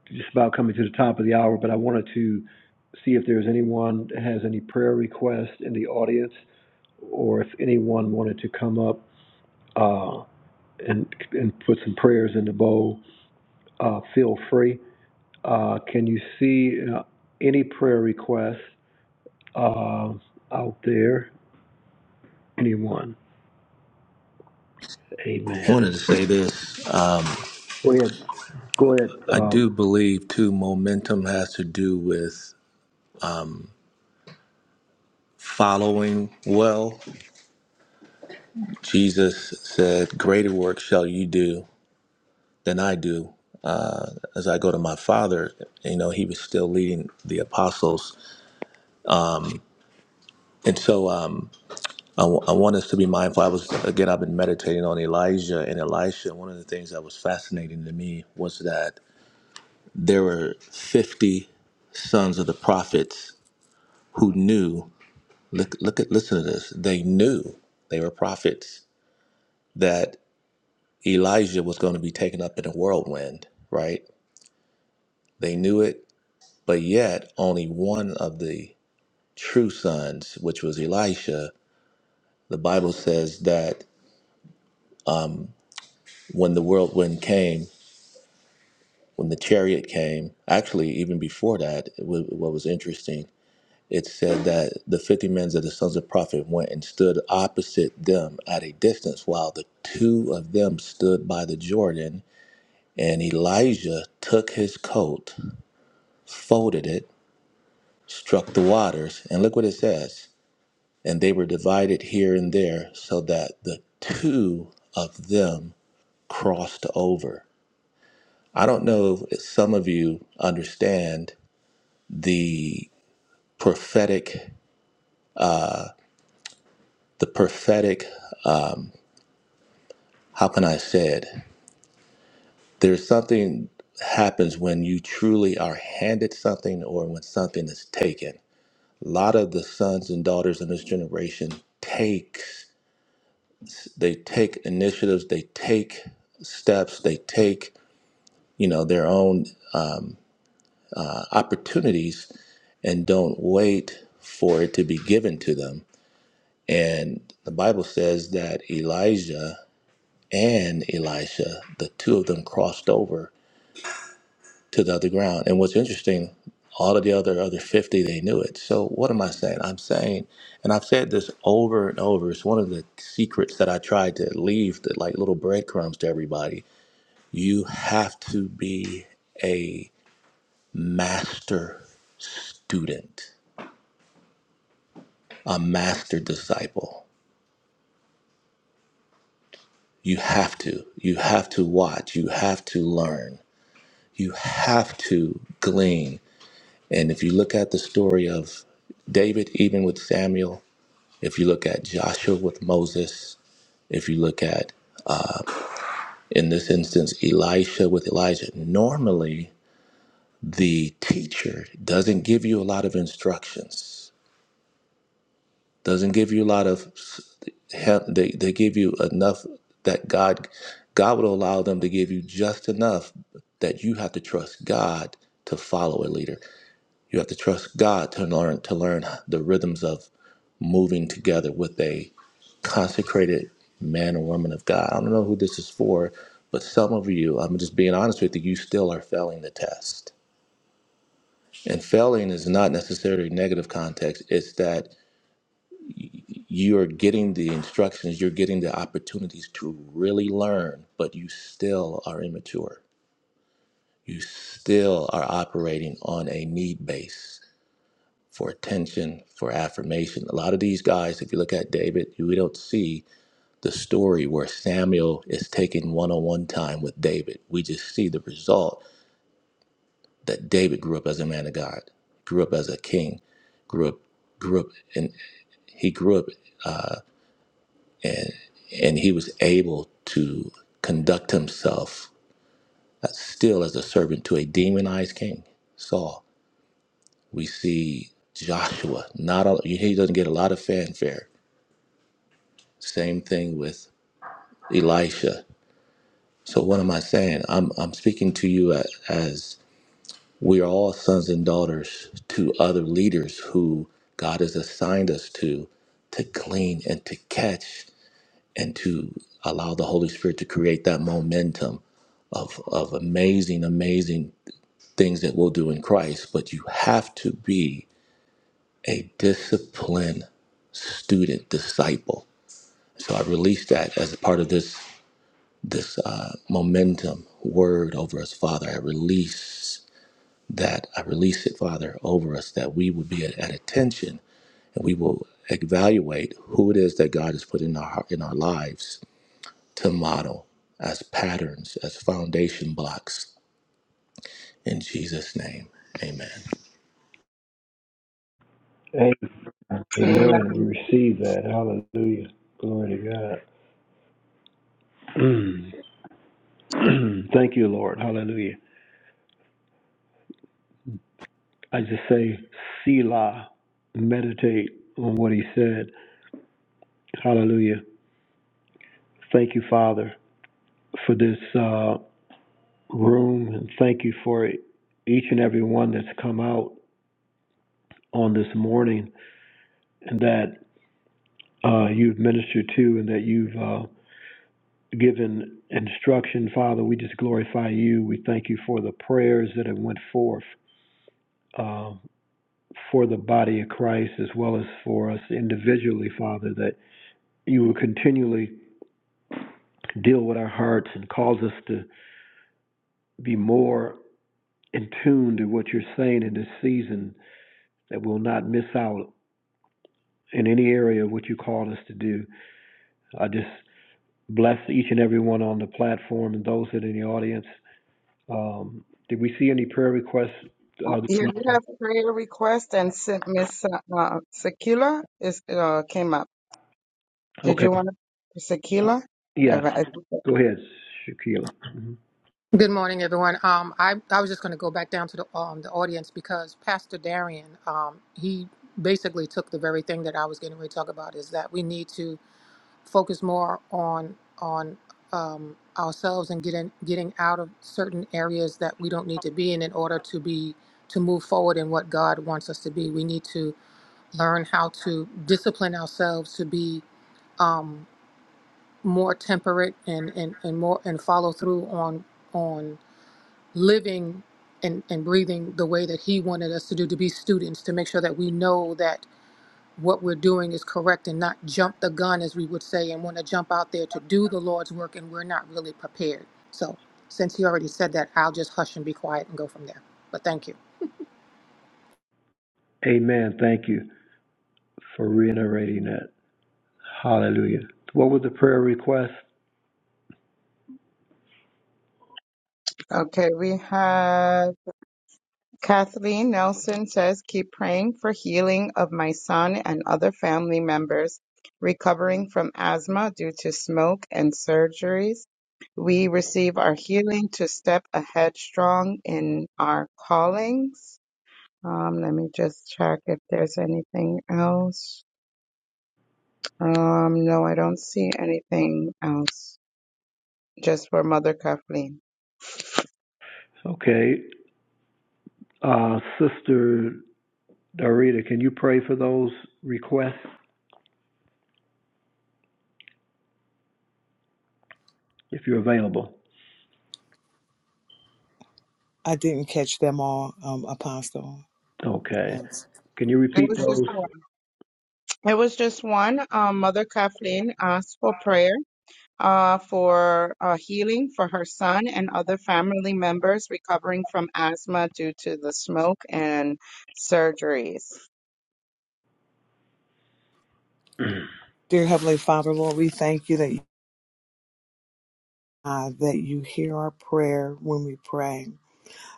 Speaker 4: just about coming to the top of the hour, but I wanted to see if there's anyone that has any prayer requests in the audience, or if anyone wanted to come up uh, and and put some prayers in the bowl. Uh, feel free. Uh, can you see uh, any prayer requests uh, out there? Anyone?
Speaker 3: I
Speaker 4: Amen.
Speaker 3: wanted to say this.
Speaker 4: Go ahead. Go ahead.
Speaker 3: I
Speaker 4: Um,
Speaker 3: do believe too momentum has to do with following well. Jesus said, Greater work shall you do. than I do. Uh, as I go to my father, you know, he was still leading the apostles. And so um, I, w- I want us to be mindful. I was, again, I've been meditating on Elijah and Elisha. One of the things that was fascinating to me was that there were 50 sons of the prophets who knew, look, look at, listen to this, they knew they were prophets that Elijah was going to be taken up in a whirlwind, right? They knew it, but yet only one of the true sons, which was Elisha, the Bible says that when the whirlwind came, when the chariot came, actually, even before that, it wa- what was interesting, it said that the 50 men of the sons of prophet went and stood opposite them at a distance, while the two of them stood by the Jordan. And Elijah took his coat, folded it, struck the waters, and look what it says. And they were divided here and there, so that the two of them crossed over. I don't know if some of you understand the prophetic, the prophetic, how can I say it? There's something happens when you truly are handed something or when something is taken. A lot of the sons and daughters in this generation takes they take initiatives, they take steps, they take, you know, their own opportunities and don't wait for it to be given to them And the Bible says that Elijah and Elisha, the two of them crossed over to the other ground. And what's interesting, all of the other other 50, they knew it. So what am I saying? I'm saying, and I've said this over and over, it's one of the secrets that I tried to leave that like little breadcrumbs to everybody. You have to be a master student, a master disciple. You have to. You have to watch. You have to learn You have to glean. And if you look at the story of David, even with Samuel, if you look at Joshua with Moses, if you look at, in this instance, Elisha with Elijah, normally the teacher doesn't give you a lot of instructions, doesn't give you a lot of, help. they, they give you enough that God, God will allow them to give you just enough that you have to trust God to follow a leader. You have to trust God to learn to learn the rhythms of moving together with a consecrated man or woman of God. I don't know who this is for, but some of you, I'm just being honest with you, you still are failing the test. And failing is not necessarily negative context. It's that you're getting the instructions, you're getting the opportunities to really learn, but you still are immature. You still are operating on a need base for attention, for affirmation. A lot of these guys, if you look at David, we don't see the story where Samuel is taking one on one time with David. We just see the result that David grew up as a man of God, grew up as a king, grew up, grew up, and he grew up, and and he was able to conduct himself as- still as a servant to a demonized king, Saul. We see Joshua. Not all, he doesn't get a lot of fanfare. Same thing with Elisha. So what am I saying? I'm I'm speaking to you a- as we are all sons and daughters to other leaders who God has assigned us to to glean and to catch and to allow the Holy Spirit to create that momentum of of amazing amazing things that we'll do in Christ, but you have to be a disciplined student disciple. So I release that as a part of this this uh, momentum word over us, Father. I release that. I release it, Father, over us that we would be at, at attention and we will evaluate who it is that God has put in our heart- in our lives to model as patterns, as foundation blocks. In Jesus' name, Amen.
Speaker 5: Amen.
Speaker 4: amen. We receive that. Hallelujah. Glory to God. Mm. Thank you, Lord. Hallelujah. I just say, Selah, meditate on what he said. Hallelujah. Thank you, Father, for this uh, room, and thank you for each and every one that's come out on this morning and that uh, you've ministered to and that you've uh, given instruction. Father, we just glorify you. We thank you for the prayers that have went forth uh, for the body of Christ as well as for us individually, Father, that you will continually deal with our hearts and cause us to be more in tune to what you're saying in this season that we'll not miss out in any area of what you called us to do. I just bless each and every one on the platform and those that are in the audience Um, did we see any prayer requests? Uh, this
Speaker 5: Yeah, we
Speaker 4: morning?
Speaker 5: have prayer request and sent Miss uh, uh, Sakila is uh, came up. Did
Speaker 4: Okay,
Speaker 5: you want to
Speaker 4: Uh,
Speaker 5: Sakila? All
Speaker 4: yes,
Speaker 5: right.
Speaker 4: go ahead, Shakila. Mhm.
Speaker 9: Good morning, everyone. Um, I, I was just going to go back down to the um, the audience because Pastor Darian, um, he basically took the very thing that I was getting ready to talk about is that we need to focus more on on um, ourselves and getting getting out of certain areas that we don't need to be in in order to be to move forward in what God wants us to be. We need to learn how to discipline ourselves to be um, more temperate and, and, and more and follow through on on living and, and breathing the way that he wanted us to do to be students to make sure that we know that what we're doing is correct and not jump the gun as we would say and want to jump out there to do the lord's work and we're not really prepared so since he already said that i'll just hush and be quiet and go from there but thank you
Speaker 4: Amen, thank you for reiterating that. Hallelujah. What was the prayer request?
Speaker 5: Okay, we have Kathleen Nelson says, keep praying for healing of my son and other family members recovering from asthma due to smoke and surgeries. We receive our healing to step ahead strong in our callings. Um, let me just check if there's anything else. Um, no, I don't see anything else. Just for Mother Kathleen.
Speaker 4: Okay, uh, Sister Darita, can you pray for those requests if you're available?
Speaker 2: I didn't catch them all, um, Apostle.
Speaker 4: Okay,
Speaker 2: No.
Speaker 4: can you
Speaker 5: It
Speaker 4: repeat
Speaker 5: was just
Speaker 4: those?
Speaker 5: one. It was just one. Um, Mother Kathleen asked for prayer. uh, for uh, healing for her son and other family members recovering from asthma due to the smoke and surgeries.
Speaker 2: Dear Heavenly Father, Lord, we thank you that you, uh, that you hear our prayer when we pray.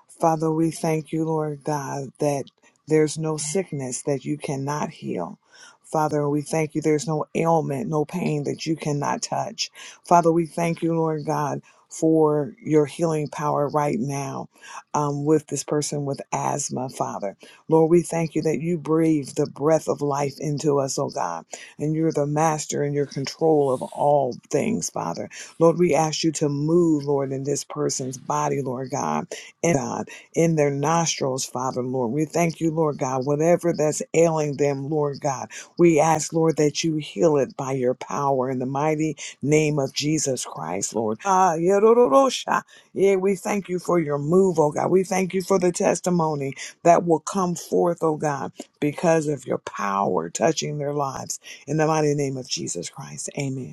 Speaker 2: Father, we thank you, Lord God, that there's no sickness that you cannot heal. Father, we thank you. There's no ailment, no pain that you cannot touch. Father, we thank you, Lord God, for your healing power right now um, with this person with asthma, Father. Lord, we thank you that you breathe the breath of life into us, oh God, and you're the master and your control of all things, Father. Lord, we ask you to move, Lord, in this person's body, Lord God and God, in their nostrils, Father, Lord. We thank you, Lord God, whatever that's ailing them, Lord God. We ask, Lord, that you heal it by your power in the mighty name of Jesus Christ, Lord. Ah, yororosha. Yeah, we thank you for your move, oh God. We thank you for the testimony that will come forth, oh God, because of your power touching their lives. In the mighty name of Jesus Christ, amen.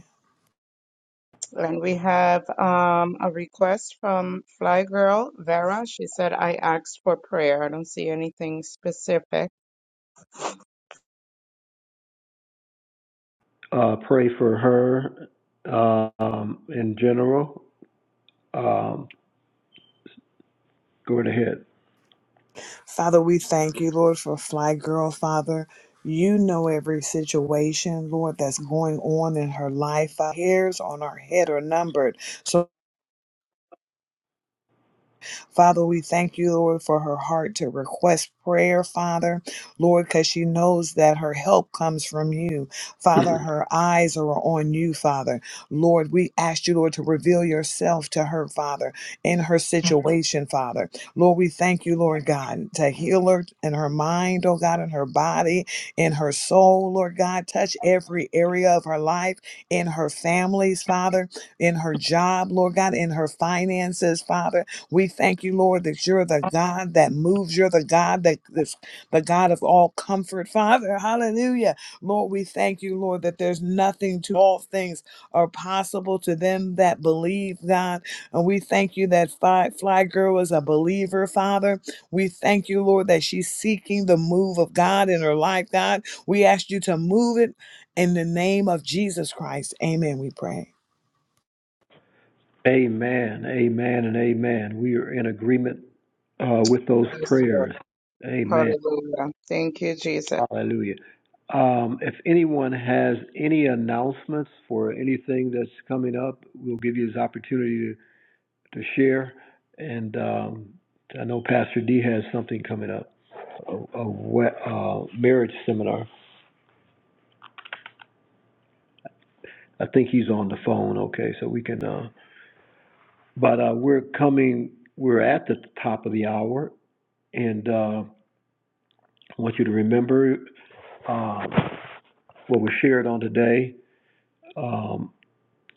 Speaker 5: And we have um, a request from Fly Girl Vera. She said, I asked for prayer. I don't see anything specific.
Speaker 4: Uh, pray for her, uh, um, in general. Um, go right ahead.
Speaker 2: Father, we thank you, Lord, for Fly Girl, Father. You know every situation, Lord, that's going on in her life. Our hairs on our head are numbered. so. Father, we thank you, Lord, for her heart to request prayer, Father, Lord, because she knows that her help comes from you. Father, her eyes are on you, Father. Lord, we ask you, Lord, to reveal yourself to her, Father, in her situation, Father. Lord, we thank you, Lord God, to heal her in her mind, oh God, in her body, in her soul, Lord God. Touch every area of her life, in her families, Father, in her job, Lord God, in her finances, Father we thank you, Lord, that you're the God that moves. You're the God that is the God of all comfort. Father, hallelujah. Lord, we thank you, Lord, that there's nothing to all things are possible to them that believe, God. And we thank you that Fly, Fly Girl is a believer, Father. We thank you, Lord, that she's seeking the move of God in her life, God. We ask you to move it in the name of Jesus Christ. Amen, we pray.
Speaker 4: Amen, amen, and amen. We are in agreement uh, with those
Speaker 5: Yes, Lord.
Speaker 4: prayers. Amen.
Speaker 5: Hallelujah. Thank you, Jesus.
Speaker 4: Hallelujah. Um, if anyone has any announcements for anything that's coming up, we'll give you this opportunity to, to share. And um, I know Pastor D has something coming up, a, a we- uh, marriage seminar. I think he's on the phone. Okay, so we can. Uh, but uh, we're coming. We're at the top of the hour, and. Um, I want you to remember uh, what was shared on today. Um,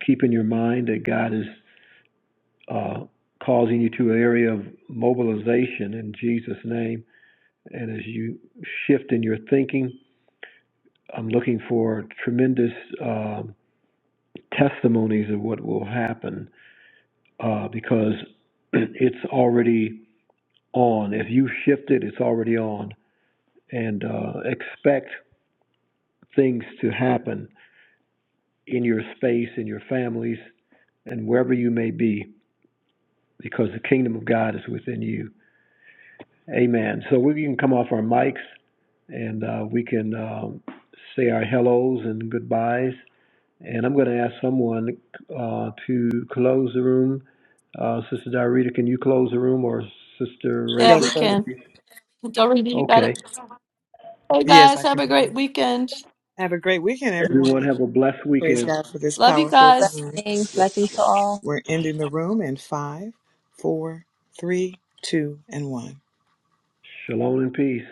Speaker 4: keep in your mind that God is uh, causing you to an area of mobilization in Jesus' name. And as you shift in your thinking, I'm looking for tremendous um testimonies of what will happen uh, because it's already on. If you shift it, it's already on. And uh, expect things to happen in your space, in your families, and wherever you may be, because the kingdom of God is within you. Amen. So we can come off our mics and uh, we can um, say our hellos and goodbyes. And I'm going to ask someone uh, to close the room. Uh, Sister Diarita, can you close the room or Sister
Speaker 6: Yeah,
Speaker 2: Yes,
Speaker 6: we
Speaker 4: Rachel?
Speaker 2: sir.
Speaker 6: can. Doreen, you got it.
Speaker 4: Okay.
Speaker 6: Hey
Speaker 2: Yes,
Speaker 6: guys,
Speaker 2: I
Speaker 6: have
Speaker 2: can
Speaker 6: a
Speaker 2: do
Speaker 6: great
Speaker 2: that.
Speaker 6: weekend.
Speaker 2: Have a great weekend, everyone.
Speaker 4: Everyone have a blessed
Speaker 2: Praise
Speaker 4: weekend.
Speaker 2: God for this
Speaker 6: Love you
Speaker 2: powerful
Speaker 6: guys.
Speaker 2: time.
Speaker 7: Blessings, blessings to all.
Speaker 2: We're ending the room in five, four, three, two, and one.
Speaker 4: Shalom and peace.